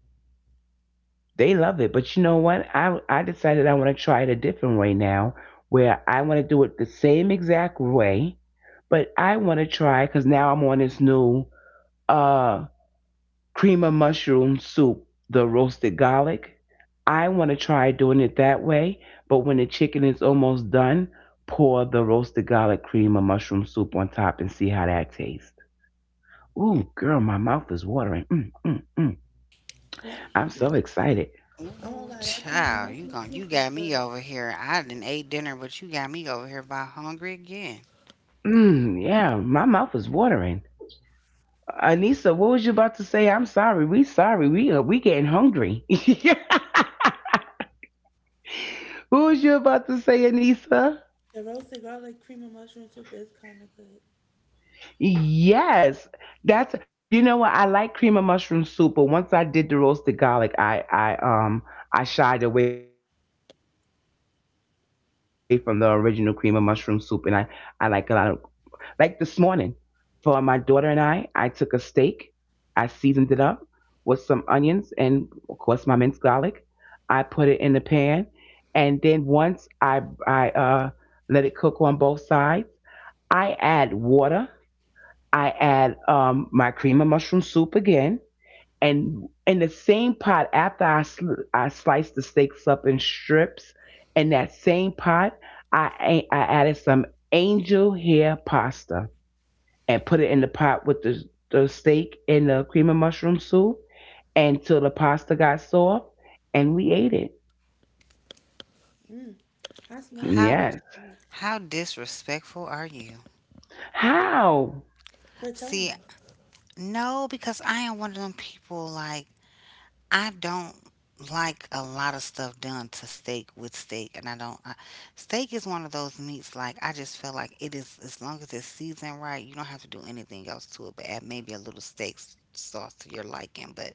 Speaker 1: They love it. But you know what? I decided I want to try it a different way now where I want to do it the same exact way, but I want to try, because now I'm on this new uh cream of mushroom soup, the roasted garlic. I want to try doing it that way, but when the chicken is almost done, pour the roasted garlic cream of mushroom soup on top and see how that tastes. Ooh, girl, my mouth is watering. Mm, mm, mm.
Speaker 3: yeah.
Speaker 1: I'm so excited.
Speaker 3: I
Speaker 2: Ooh,
Speaker 3: won't lie, that cream and
Speaker 2: child,
Speaker 3: mushroom
Speaker 2: you
Speaker 3: soup
Speaker 2: got
Speaker 3: was
Speaker 2: me
Speaker 3: good.
Speaker 2: over here. I didn't ate dinner, but you got me over here by hungry again.
Speaker 1: Mm, yeah, my mouth is watering. Anissa, what was you about to say? I'm sorry. We sorry. We getting hungry. What was you about to say, Anissa?
Speaker 3: The roasted garlic cream and mushroom soup is kind of good.
Speaker 1: Yes, that's, you know what, I like cream of mushroom soup, but once I did the roasted garlic, I I shied away from the original cream of mushroom soup, and I like a lot of, like this morning, for my daughter and I took a steak, I seasoned it up with some onions and of course my minced garlic. I put it in the pan, and then once I let it cook on both sides, I add water, I add my cream of mushroom soup again, and in the same pot after I sliced the steaks up in strips, in that same pot I added some angel hair pasta and put it in the pot with the steak and the cream of mushroom soup until the pasta got soft and we ate it.
Speaker 3: Mm, I smelt
Speaker 2: How
Speaker 3: it
Speaker 1: Yes.
Speaker 3: actually,
Speaker 2: how disrespectful are you?
Speaker 1: How?
Speaker 3: for
Speaker 2: See,
Speaker 3: telling us.
Speaker 2: no, because I am one of them people like I don't like a lot of stuff done to steak with steak, and I don't. I, steak is one of those meats like I just feel like it is as long as it's seasoned right, you don't have to do anything else to it, but add maybe a little steak sauce to your liking. But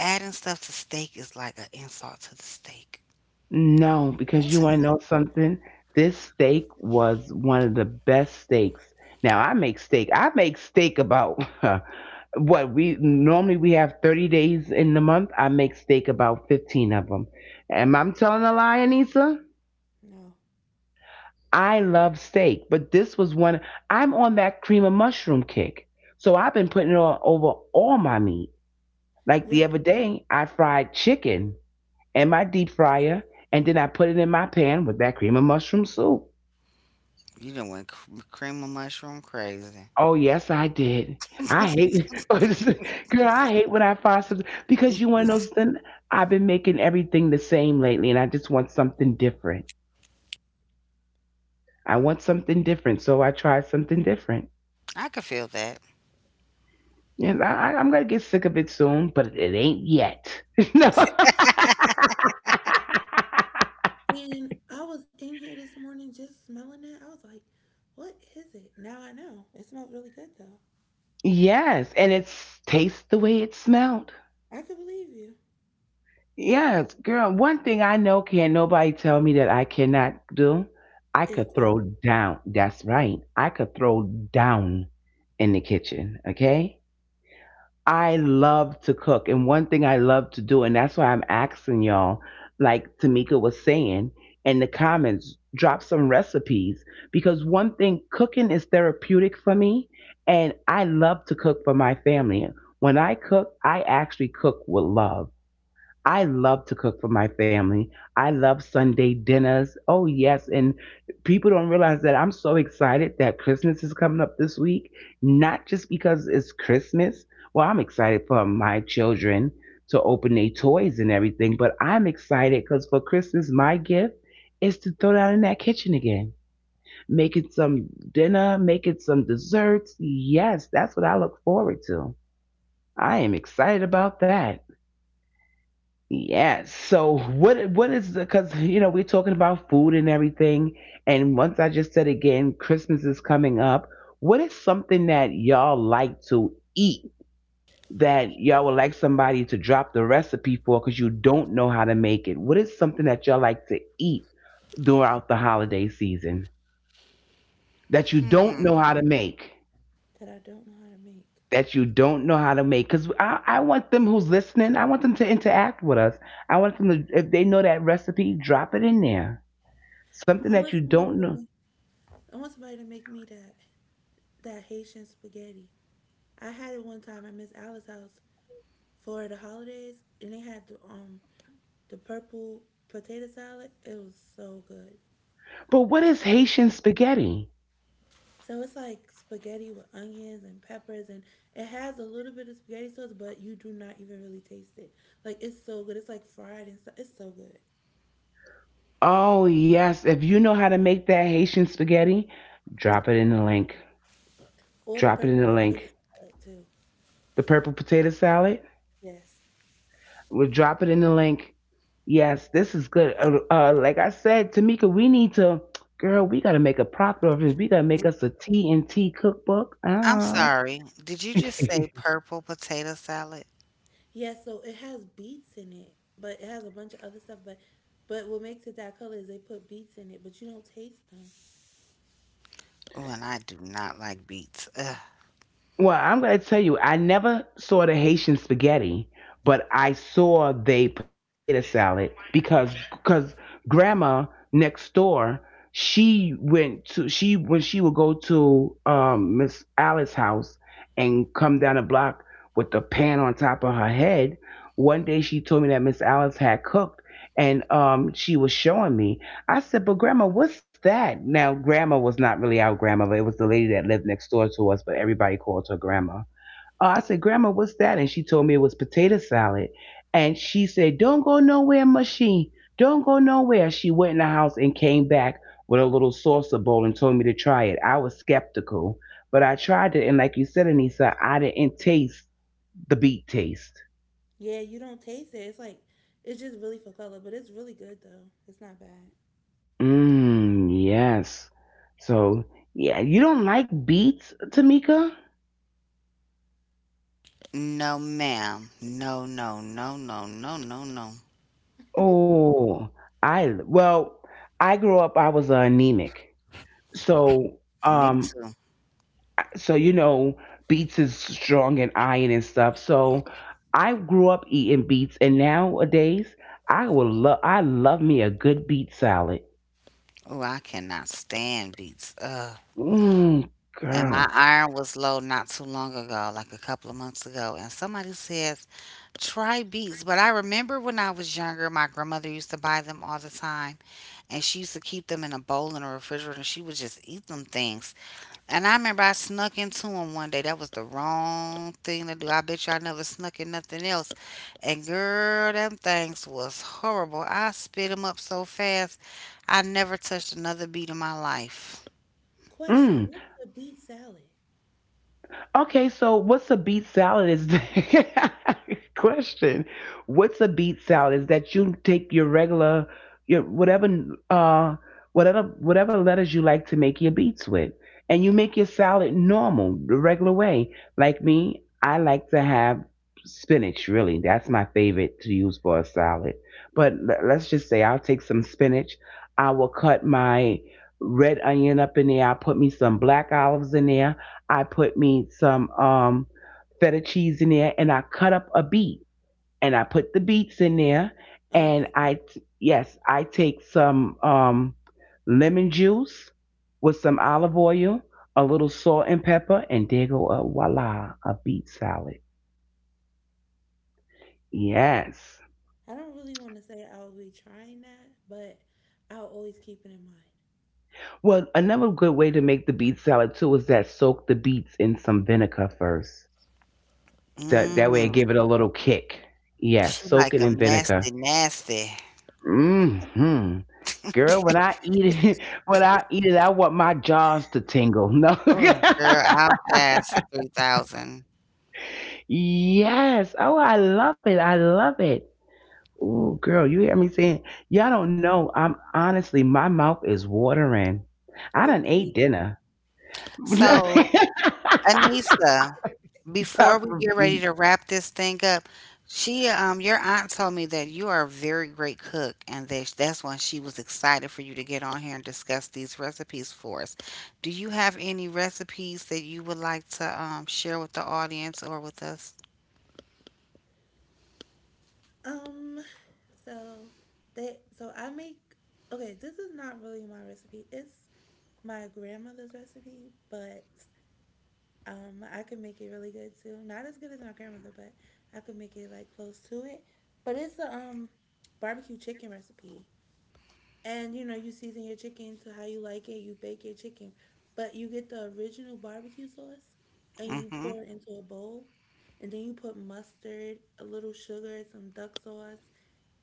Speaker 2: adding stuff to steak is like an insult to the steak
Speaker 1: No, because you
Speaker 2: to
Speaker 3: No,
Speaker 1: want to
Speaker 2: me.
Speaker 1: know something? This steak was one of the best steaks. Now I make steak. I make steak about what, we normally we have 30 days in the month. I make steak about 15 of them. Am I telling a lie, Anissa?
Speaker 3: no.
Speaker 1: I love steak, but this was one. I'm on that cream of mushroom kick. So I've been putting it on over all my meat. Like the other
Speaker 3: When,
Speaker 1: day, I fried chicken in my deep fryer, and then I put it in my pan with that cream of mushroom soup.
Speaker 2: You know when cream of mushroom crazy.
Speaker 1: Oh yes, I did. I hate, girl. I hate when I find something because you want to know something. I've been making everything the same lately, and I just want something different. I want something different, so I tried something different.
Speaker 2: I could feel that.
Speaker 1: And I'm gonna get sick of it soon, but it ain't yet. No.
Speaker 3: and I was in here this morning just smelling it. I was like, what is it? Now I know. It smells really good though.
Speaker 1: Yes, and it tastes the way it smelled.
Speaker 3: I could believe you.
Speaker 1: Yes, girl. One thing I know, can nobody tell me that I cannot do. I could
Speaker 3: It's
Speaker 1: throw
Speaker 3: cooked
Speaker 1: down. That's right. I could throw down in the kitchen. Okay. I love to cook, and one thing I love to do, and that's why I'm asking y'all, like Tamika was saying in the comments, drop some recipes, because one thing, cooking is therapeutic for me, and I love to cook for my family. When I cook, I actually cook with love. I love to cook for my family. I love Sunday dinners. Oh, yes. And people don't realize that I'm so excited that Christmas is coming up this week, not just because it's Christmas. Well, I'm excited for my children to open their toys and everything, but I'm excited because for Christmas, my gift is to throw down in that kitchen again, making some dinner, making some desserts. Yes, that's what I look forward to. I am excited about that. Yes. So what is the, cuz you know we're talking about food and everything, and once I just said again, Christmas is coming up. What is something that y'all like to eat that y'all would like somebody to drop the recipe for, cuz you don't know how to make it? What is something that y'all like to eat throughout the holiday season that you don't
Speaker 2: Hmm.
Speaker 1: know how to make?
Speaker 3: that I don't know how to make.
Speaker 1: That you don't know how to make. Because I want them who's listening, I want them to interact with us. I want them to, if they know that recipe, drop it in there. Something
Speaker 3: I
Speaker 1: that
Speaker 3: want
Speaker 1: you
Speaker 3: somebody
Speaker 1: don't
Speaker 3: to
Speaker 1: know.
Speaker 3: make. I want somebody to make me that Haitian spaghetti. I had it one time at Miss Alice's house, for the holidays, and they had the the purple potato salad. It was so good.
Speaker 1: But what is
Speaker 3: So,
Speaker 1: Haitian spaghetti?
Speaker 3: so it's like spaghetti with onions and peppers, and it has a little bit of spaghetti sauce, but you do not even really taste it. Like it's so good. It's like fried and stuff. It's so good.
Speaker 1: Oh, yes. If you know how to make that Haitian spaghetti, drop it in the link.
Speaker 3: Or the
Speaker 1: Drop it in
Speaker 3: purple
Speaker 1: the
Speaker 3: potato
Speaker 1: link.
Speaker 3: salad too.
Speaker 1: The purple potato salad,
Speaker 3: Yes.
Speaker 1: we'll drop it in the link. Yes, this is good. Like I said, Tamika, we need to, girl, we got to make a profit of this. We got to make us a TNT cookbook.
Speaker 2: I'm
Speaker 1: Ah.
Speaker 2: sorry. Did you just say purple potato salad?
Speaker 3: Yes, so it has beets in it, but it has a bunch of other stuff. But what makes it that color is they put beets in it, but you don't taste them.
Speaker 2: Oh, and I do not like beets. Ugh.
Speaker 1: Well, I'm going to tell you, I never saw the Haitian spaghetti, but I saw the potato salad, because grandma next door, she went to she, when she would go to Miss Alice's house and come down the block with the pan on top of her head. One day she told me that Miss Alice had cooked and she was showing me. I said, but grandma, what's that? Now, grandma was not really our grandma, but it was the lady that lived next door to us, but everybody called her grandma. I said, grandma, what's that? And she told me it was potato salad. And she said, don't go nowhere, machine. Don't go nowhere. She went in the house and came back with a little saucer bowl and told me to try it. I was skeptical, but I tried it. And like you said, Anissa, I didn't taste the beet taste.
Speaker 3: Yeah, you don't taste it. It's like it's just really for color, but it's really good though. It's not bad.
Speaker 1: Mmm, yes. So, yeah, you don't like beets, Tamika?
Speaker 2: No, ma'am. No, no, no, no, no, no, no.
Speaker 1: Oh, I, well, I grew up, I was anemic, so
Speaker 2: Me too.
Speaker 1: so you know, beets is strong in iron and stuff. So I grew up eating beets, and nowadays I will love, I love me a good beet salad.
Speaker 2: Oh, I cannot stand beets. Ugh.
Speaker 1: Mmm,
Speaker 2: And my
Speaker 1: girl.
Speaker 2: iron was low not too long ago, like a couple of months ago. And somebody says, try beets. But I remember when I was younger, my grandmother used to buy them all the time. And she used to keep them in a bowl in the refrigerator. And she would just eat them things. And I remember I snuck into them one day. That was the wrong thing to do. I bet you I never snuck in nothing else. And girl, them things was horrible. I spit them up so fast, I never touched another beat in my life.
Speaker 3: Question,
Speaker 1: Mm.
Speaker 3: what was a beet salad?
Speaker 1: Okay, so what's a beet salad? Is, question. What's a beet salad? Is that you take your regular, your whatever, uh, whatever, whatever letters you like to make your beets with, and you make your salad normal, the regular way. Like me, I like to have spinach. Really, that's my favorite to use for a salad. But let's just say I'll take some spinach. I will cut my red onion up in there. I'll put me some black olives in there. I put me some feta cheese in there, and I cut up a beet, and I put the beets in there, and
Speaker 3: Okay.
Speaker 1: yes, I take some lemon juice with some olive oil, a little salt and pepper, and there go, a voila, a beet salad. Yes.
Speaker 3: I don't really want to say I'll be trying that, but I'll always keep it in mind.
Speaker 1: Well, another good way to make the beet salad too is that soak the beets in some vinegar first. That, that way, it
Speaker 2: Mm.
Speaker 1: give it a little kick. Yes,
Speaker 2: She
Speaker 1: soak
Speaker 2: like
Speaker 1: it in
Speaker 2: 'em
Speaker 1: vinegar.
Speaker 2: nasty, nasty.
Speaker 1: Hmm. Girl, when I eat it, when I eat it, I want my jaws to tingle. No.
Speaker 2: Oh, girl, I'll pass for 3,000.
Speaker 1: Yes. Oh, I love it. I love it. Ooh, girl, you hear me saying, y'all don't know. I'm honestly, my mouth is watering. I
Speaker 3: For
Speaker 1: done ate
Speaker 3: beets?
Speaker 1: dinner.
Speaker 2: So Anissa, before we get ready to wrap this thing up, your aunt told me that you are a very great cook, and that that's why she was excited for you to get on here and discuss these recipes for us. Do you have any recipes that you would like to share with the audience or with us?
Speaker 3: Um, so so I make okay, this is not really my recipe. It's my grandmother's recipe, but I could make it really good too. Not as good as my grandmother, but I could make it like close to it. But it's a barbecue chicken recipe. And you know, you season your chicken to how you like it, you bake your chicken. But you get the original barbecue sauce and you
Speaker 2: Mm-hmm.
Speaker 3: pour it into a bowl, and then you put mustard, a little sugar, some duck sauce,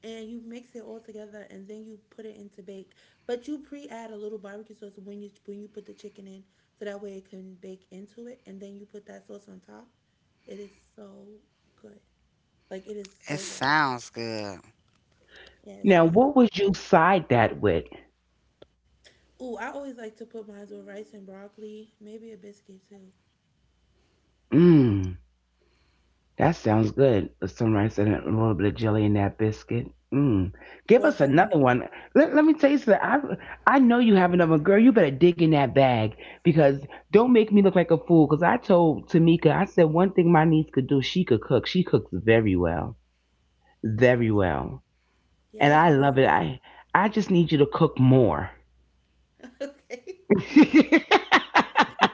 Speaker 3: and you mix it all together and then you put it into bake. But you pre-add a little barbecue sauce when you put the chicken in, so that way it can bake into it, and then you put that sauce on top. It is so good. Like it is
Speaker 2: It
Speaker 3: so good.
Speaker 2: sounds good.
Speaker 3: Yeah, it's
Speaker 1: Now,
Speaker 3: really really.
Speaker 1: what would you side that with?
Speaker 3: Ooh, I always like to put mine with rice and broccoli, maybe a biscuit too,
Speaker 1: Mm. That sounds good. With some rice and a little bit of jelly in that biscuit. Mm. Give
Speaker 3: or
Speaker 1: us
Speaker 3: honey.
Speaker 1: another one. Let me tell you something. I know you have another one. Girl, you better dig in that bag, because don't make me look like a fool. Because I told Tamika, I said one thing my niece could do, she could cook. She cooks very well. Very well. And
Speaker 3: Yes,
Speaker 1: I
Speaker 3: but
Speaker 1: love it. I just need you to cook more.
Speaker 3: okay.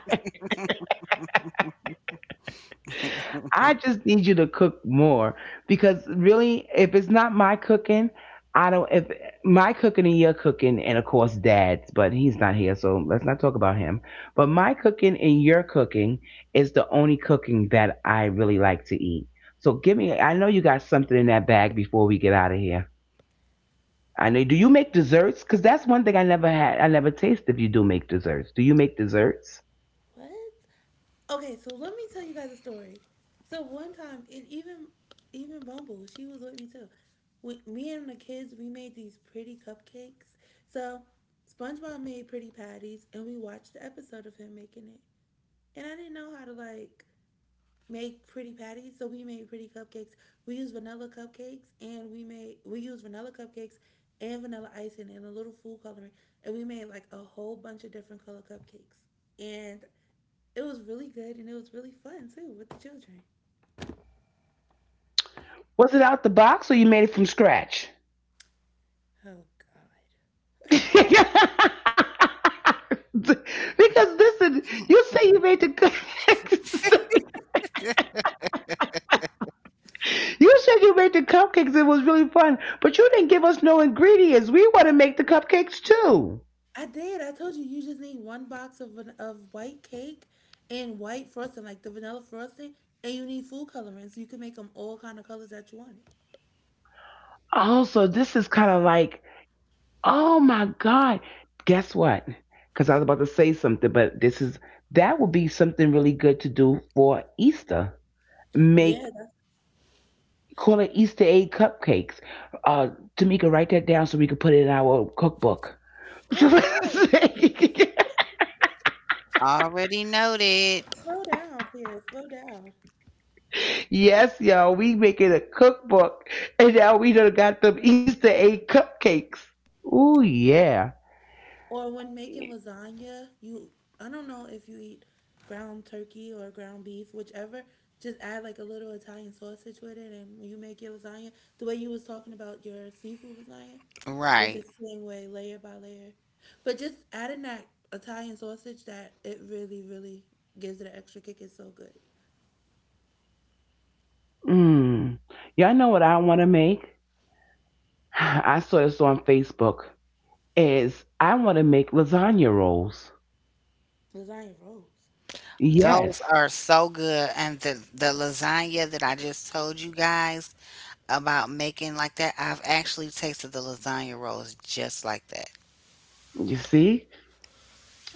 Speaker 1: I just need you to cook more because really, if it's not my cooking, I don't. If my cooking and your cooking, and of course Dad's, but he's not here, so let's not talk about him. But my cooking and your cooking is the only cooking that I really like to eat. So give me. I know you got something in that bag before we get out of here. I know. Do you make desserts? Because that's one thing I never had. I never tasted. If you do make desserts, do you make desserts?
Speaker 3: What? Okay, so let me tell you guys a story. So one time, and even Bumble, she was with me too. We, me and the kids, we made these pretty cupcakes. So SpongeBob made pretty patties, and we watched the episode of him making it. And I didn't know how to like make pretty patties, so we made pretty cupcakes. We used vanilla cupcakes, and we used vanilla cupcakes and vanilla icing and a little food coloring, and we made like a whole bunch of different color cupcakes. And it was really good and it was really fun too with the children.
Speaker 1: Was it out the box or you made it from scratch?
Speaker 3: Oh God,
Speaker 1: Because listen, you say you made the cupcakes. You said you made the cupcakes. It was really fun, but you didn't give us no ingredients. We want to make the cupcakes too.
Speaker 3: I did. I told you you just need one box of white cake and white frosting, like the vanilla frosting, and you need food coloring so you can make them all kind of colors that you wanted.
Speaker 1: Oh, so this is kind of like, oh my god. Guess what? Because I was about to say something, but this is, that would be something really good to do for Easter. Make,
Speaker 3: Yeah.
Speaker 1: call it Easter egg cupcakes. Uh, Tamika, write that down so we can put it in our cookbook.
Speaker 3: Whoa, whoa, whoa!
Speaker 2: Already noted.
Speaker 3: Slow down here. Slow down.
Speaker 1: Yes, y'all, we making a cookbook, and now we done got them Easter egg cupcakes. Ooh yeah.
Speaker 3: Or when making lasagna, you I don't know if you eat ground turkey or ground beef, whichever. Just add like a little Italian sausage with it, and when you make your lasagna, the way you was talking about your seafood lasagna is
Speaker 2: Right.
Speaker 3: the same way, layer by layer. But just adding that Italian sausage, that it really, really gives it an extra kick. It's so good.
Speaker 1: Mm. Y'all know what I want to make? I saw this on Facebook. Is I want to make lasagna rolls.
Speaker 3: Lasagna rolls.
Speaker 2: Those
Speaker 1: Yes,
Speaker 2: are so good. And the lasagna that I just told you guys about making like that, I've actually tasted the lasagna rolls just like that.
Speaker 1: you see.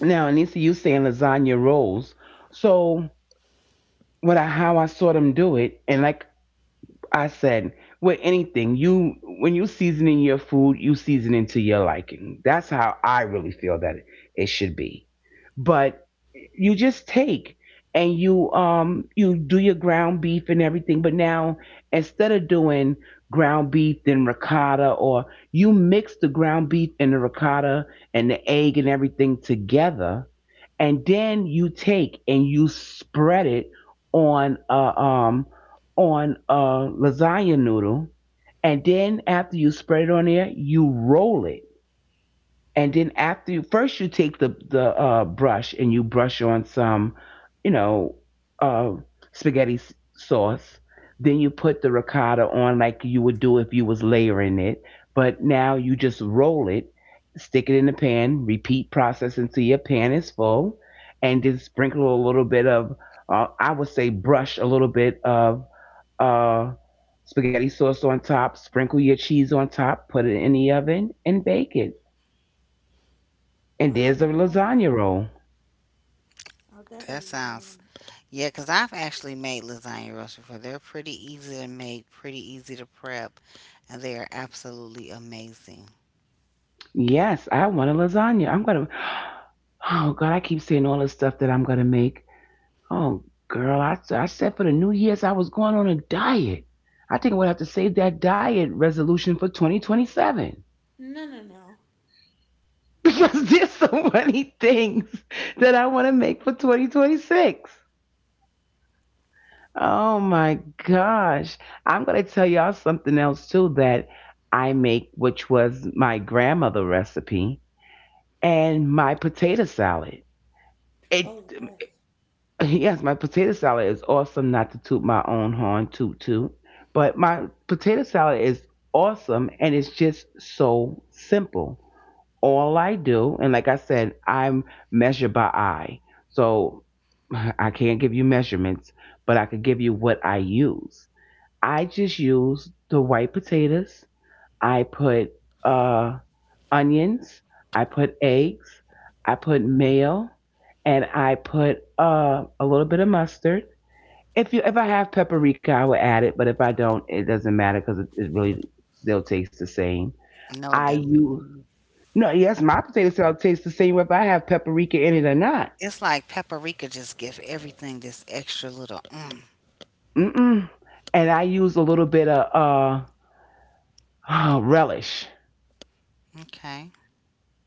Speaker 1: Now, Anissa, you saying lasagna rolls. So what I, how I saw them do it, and like I said, with anything, you, when you seasoning your food, you season it to your liking. That's how I really feel that it should be. But you just take and you you do your ground beef and everything, but now instead of doing ground beef then ricotta, or you mix the ground beef and the ricotta and the egg and everything together, and then you take and you spread it on a um on a lasagna noodle, and then after you spread it on there, you roll it. And then after, you first you take the brush and you brush on some you know uh, spaghetti sauce, then you put the ricotta on like you would do if you was layering it, but now you just roll it, stick it in the pan, repeat process until your pan is full, and just sprinkle a little bit of, I would say brush a little bit of uh, spaghetti sauce on top, sprinkle your cheese on top, put it in the oven and bake it, and
Speaker 3: Wow,
Speaker 1: there's a
Speaker 3: I'll
Speaker 1: lasagna roll.
Speaker 3: I'll definitely
Speaker 2: That
Speaker 3: be trying
Speaker 2: sounds,
Speaker 3: them.
Speaker 2: yeah, because I've actually made lasagna rolls before. They're pretty easy to make, pretty easy to prep, and they are absolutely amazing.
Speaker 1: Yes, I want a lasagna. I'm gonna. Oh God, I keep saying all the stuff that I'm gonna make. Oh girl, I said for the New Year's I was going on a diet. I think I'm gonna have to save that diet resolution for 2027
Speaker 3: No, no, no.
Speaker 1: because there's so many things that I want to make for 2026. Oh my gosh. I'm going to tell y'all something else too that I make, which was my grandmother recipe. And my potato salad. It
Speaker 3: Oh yes.
Speaker 1: yes, my potato salad is awesome. Not to toot my own horn, toot toot, but my potato salad is awesome, and it's just so simple. All I do, and like I said, I'm measured by eye, so I can't give you measurements, but I could give you what I use. I just use the white potatoes. I put uh onions, I put eggs, I put mayo, and I put a little bit of mustard. If I have paprika, I will add it, but if I don't, it doesn't matter because it really still tastes the same.
Speaker 2: No, it
Speaker 1: I
Speaker 2: doesn't.
Speaker 1: use, no, yes, my potato salad tastes the same whether I have paprika in it or not.
Speaker 2: It's like paprika just give everything this extra little. Mm,
Speaker 1: Mm-mm. And I use a little bit of relish.
Speaker 2: okay.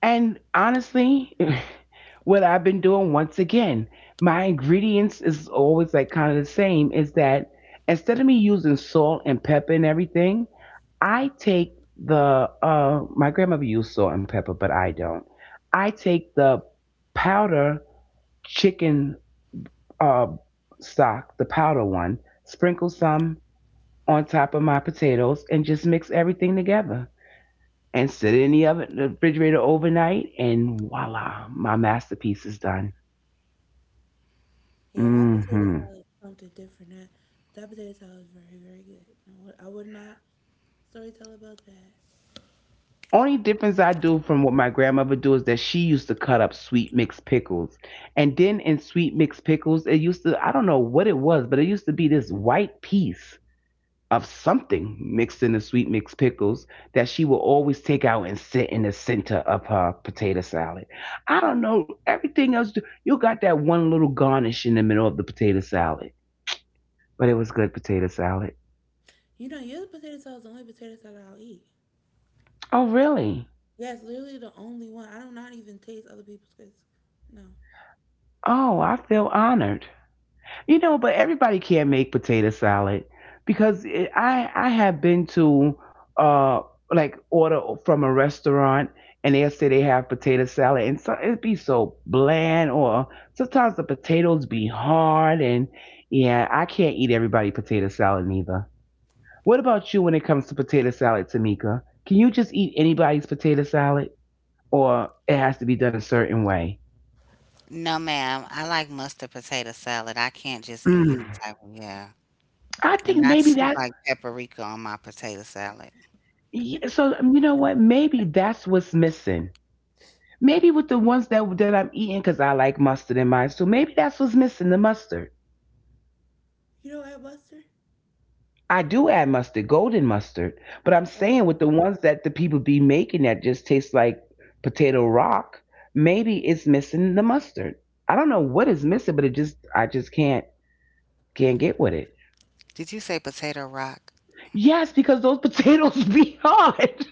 Speaker 1: And honestly, what I've been doing once again. My ingredients is always like kind of the same, is that instead of me using salt and pepper and everything, I take the my grandmother used salt and pepper, but I don't. I take the powder chicken uh stock, the powder one, sprinkle some on top of my potatoes and just mix everything together and sit it in the oven, the refrigerator overnight, and voila, my masterpiece is done.
Speaker 3: Yeah, that potato
Speaker 1: Hmm.
Speaker 3: salad is something different. That potato salad is very, very good. I would not storytell about that.
Speaker 1: Only difference I do from what my grandmother do is that she used to cut up sweet mixed pickles, and then in sweet mixed pickles, it used to, I don't know what it was, but it used to be this white piece of something mixed in the sweet mixed pickles that she would always take out and sit in the center of her potato salad. I don't know, everything else. You got that one little garnish in the middle of the potato salad, but it was good potato salad.
Speaker 3: You know, your potato salad is the only potato salad I'll eat.
Speaker 1: Oh really?
Speaker 3: Yeah, it's literally the only one. I do not even taste other people's because no.
Speaker 1: Oh, I feel honored. You know, but everybody can't make potato salad because it, I have been to uh like order from a restaurant and they'll say they have potato salad and so it'd be so bland, or sometimes the potatoes be hard, and yeah, I can't eat everybody potato salad neither. What about you when it comes to potato salad, Tamika? Can you just eat anybody's potato salad, or it has to be done a certain way?
Speaker 2: No, ma'am. I like mustard potato salad. I can't just eat
Speaker 1: Mm.
Speaker 2: any type of, yeah.
Speaker 1: I think
Speaker 2: And I
Speaker 1: maybe
Speaker 2: too
Speaker 1: that.
Speaker 2: like paprika on my potato salad.
Speaker 1: Yeah, so you know what? Maybe that's what's missing. Maybe with the ones that I'm eating, because I like mustard in mine. So maybe that's what's missing, the mustard.
Speaker 3: You know what, Buster?
Speaker 1: I do add mustard, golden mustard. But I'm
Speaker 3: Oh,
Speaker 1: saying with the ones that the people be making that just taste like potato rock, maybe it's missing the mustard. I don't know what is missing, but it just, I just can't get with it.
Speaker 2: Did you say potato rock
Speaker 1: Yes, because those potatoes be hard.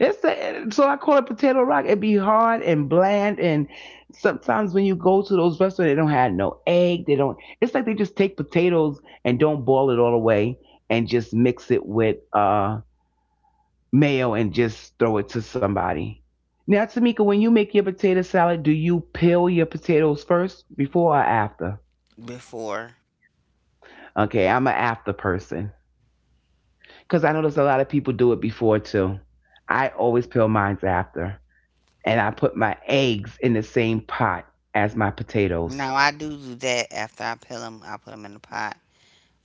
Speaker 1: It's a, so I call it potato rock. It be hard and bland, and sometimes when you go to those restaurants, they don't have no egg. They don't. It's like they just take potatoes and don't boil it all the way, and just mix it with mayo and just throw it to somebody. Now, Tamika, when you make your potato salad, do you peel your potatoes first, before or after?
Speaker 2: before?
Speaker 1: Okay, I'm an after person because I know there's a lot of people do it before too. I always peel mine after. And I put my eggs in the same pot as my potatoes.
Speaker 2: No, I do do that after I peel them. I put them in the pot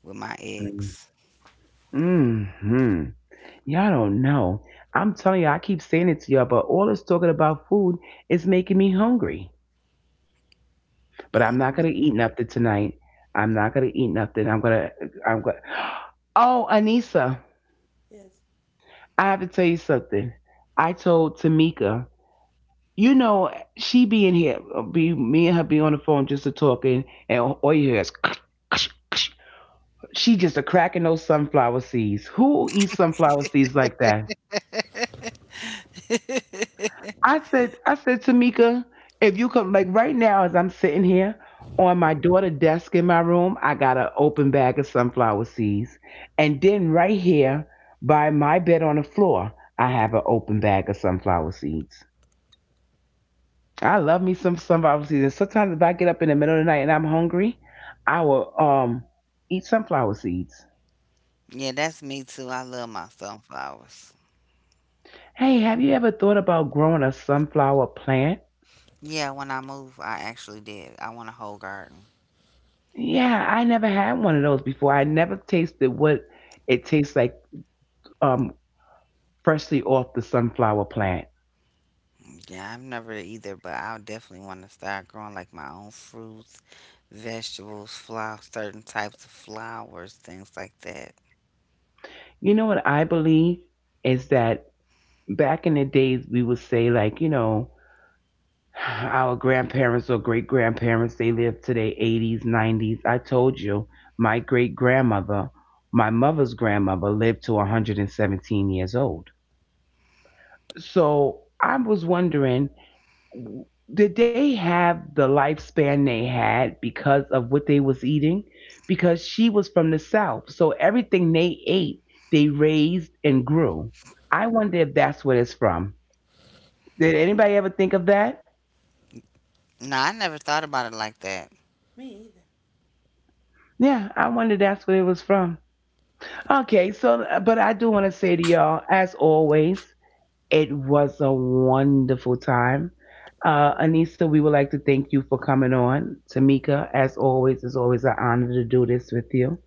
Speaker 2: with my eggs.
Speaker 1: Mm-hmm. Y'all don't know. I'm telling you, I keep saying it to y'all, but all this talking about food is making me hungry. But I'm not gonna eat
Speaker 2: Mhm.
Speaker 1: nothing tonight. I'm not gonna eat nothing. I'm gonna. I'm gonna. Oh, Anissa,
Speaker 3: yes.
Speaker 1: I have to tell you something. I told Tamika, you know, she be in here, be me and her be on the phone just to talking, and all you hear is she just a cracking those sunflower seeds. Who eats sunflower seeds like that? I said, Tamika, if you could, like right now, as I'm sitting here on my daughter' desk in my room, I got an open bag of sunflower seeds. And then right here by my bed on the floor, I have an open bag of sunflower seeds. I love me some sunflower seeds. And sometimes if I get up in the middle of the night and I'm hungry, I will eat sunflower seeds.
Speaker 2: Yeah, that's me too. I love my sunflowers.
Speaker 1: Hey, have you ever thought about growing a sunflower plant?
Speaker 2: Yeah, when I move, I actually did. I want a whole garden.
Speaker 1: Yeah, I never had one of those before. I never tasted what it tastes like, um, freshly off the sunflower plant.
Speaker 2: Yeah, I've never either, but I definitely want to start growing like my own fruits, vegetables, flowers, certain types of flowers, things like that.
Speaker 1: You know what I believe is that back in the days, we would say, like, you know, our grandparents or great grandparents, they lived to their 80s, 90s. I told you, my great grandmother, my mother's grandmother, lived to 117 years old. So I was wondering, did they have the lifespan they had because of what they was eating, because she was from the south, so everything they ate they raised and grew. I wonder if that's what it's from. Did anybody ever think of that?
Speaker 2: No, I never thought about it like that.
Speaker 3: Me either.
Speaker 1: Yeah, I wonder that's what it was from. Okay, so but I do want to say to y'all, as always, it was a wonderful time. Anissa, we would like to thank you for coming on. Tamika, as always, it's always an honor to do this with you.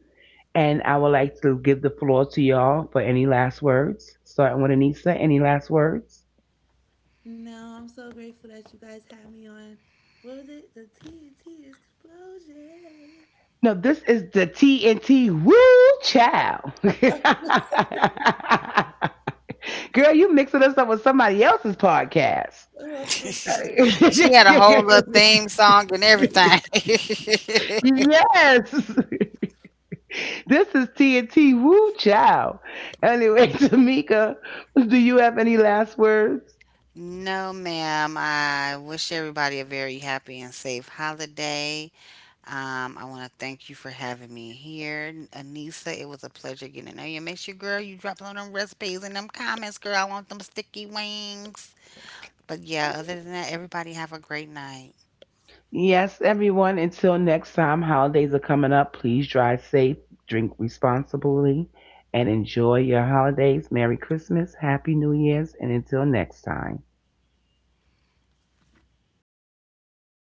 Speaker 1: And I would like to give the floor to y'all for any last words. Starting with Anissa, any last words?
Speaker 3: No, I'm so grateful that you guys had me on. What was it? The TNT explosion.
Speaker 1: No, this is the TNT Woo Chow. Girl, you mixing us up with somebody else's podcast.
Speaker 3: Oh, I'm so sorry.
Speaker 2: She had a
Speaker 1: Yes,
Speaker 2: whole little theme song and everything.
Speaker 1: this is TNT Woo Chow. Anyway, Tamika, do you have any last words?
Speaker 2: No, ma'am. I wish everybody a very happy and safe holiday. I want to thank you for having me here, Anissa. It was a pleasure getting to know you. Make sure, girl, you drop all them recipes in them comments, girl. I want them sticky wings. But yeah, other than that, everybody have a great night.
Speaker 1: Yes, everyone, until next time, holidays are coming up. Please drive safe, drink responsibly, and enjoy your holidays. Merry Christmas, Happy New Year's, and until next time.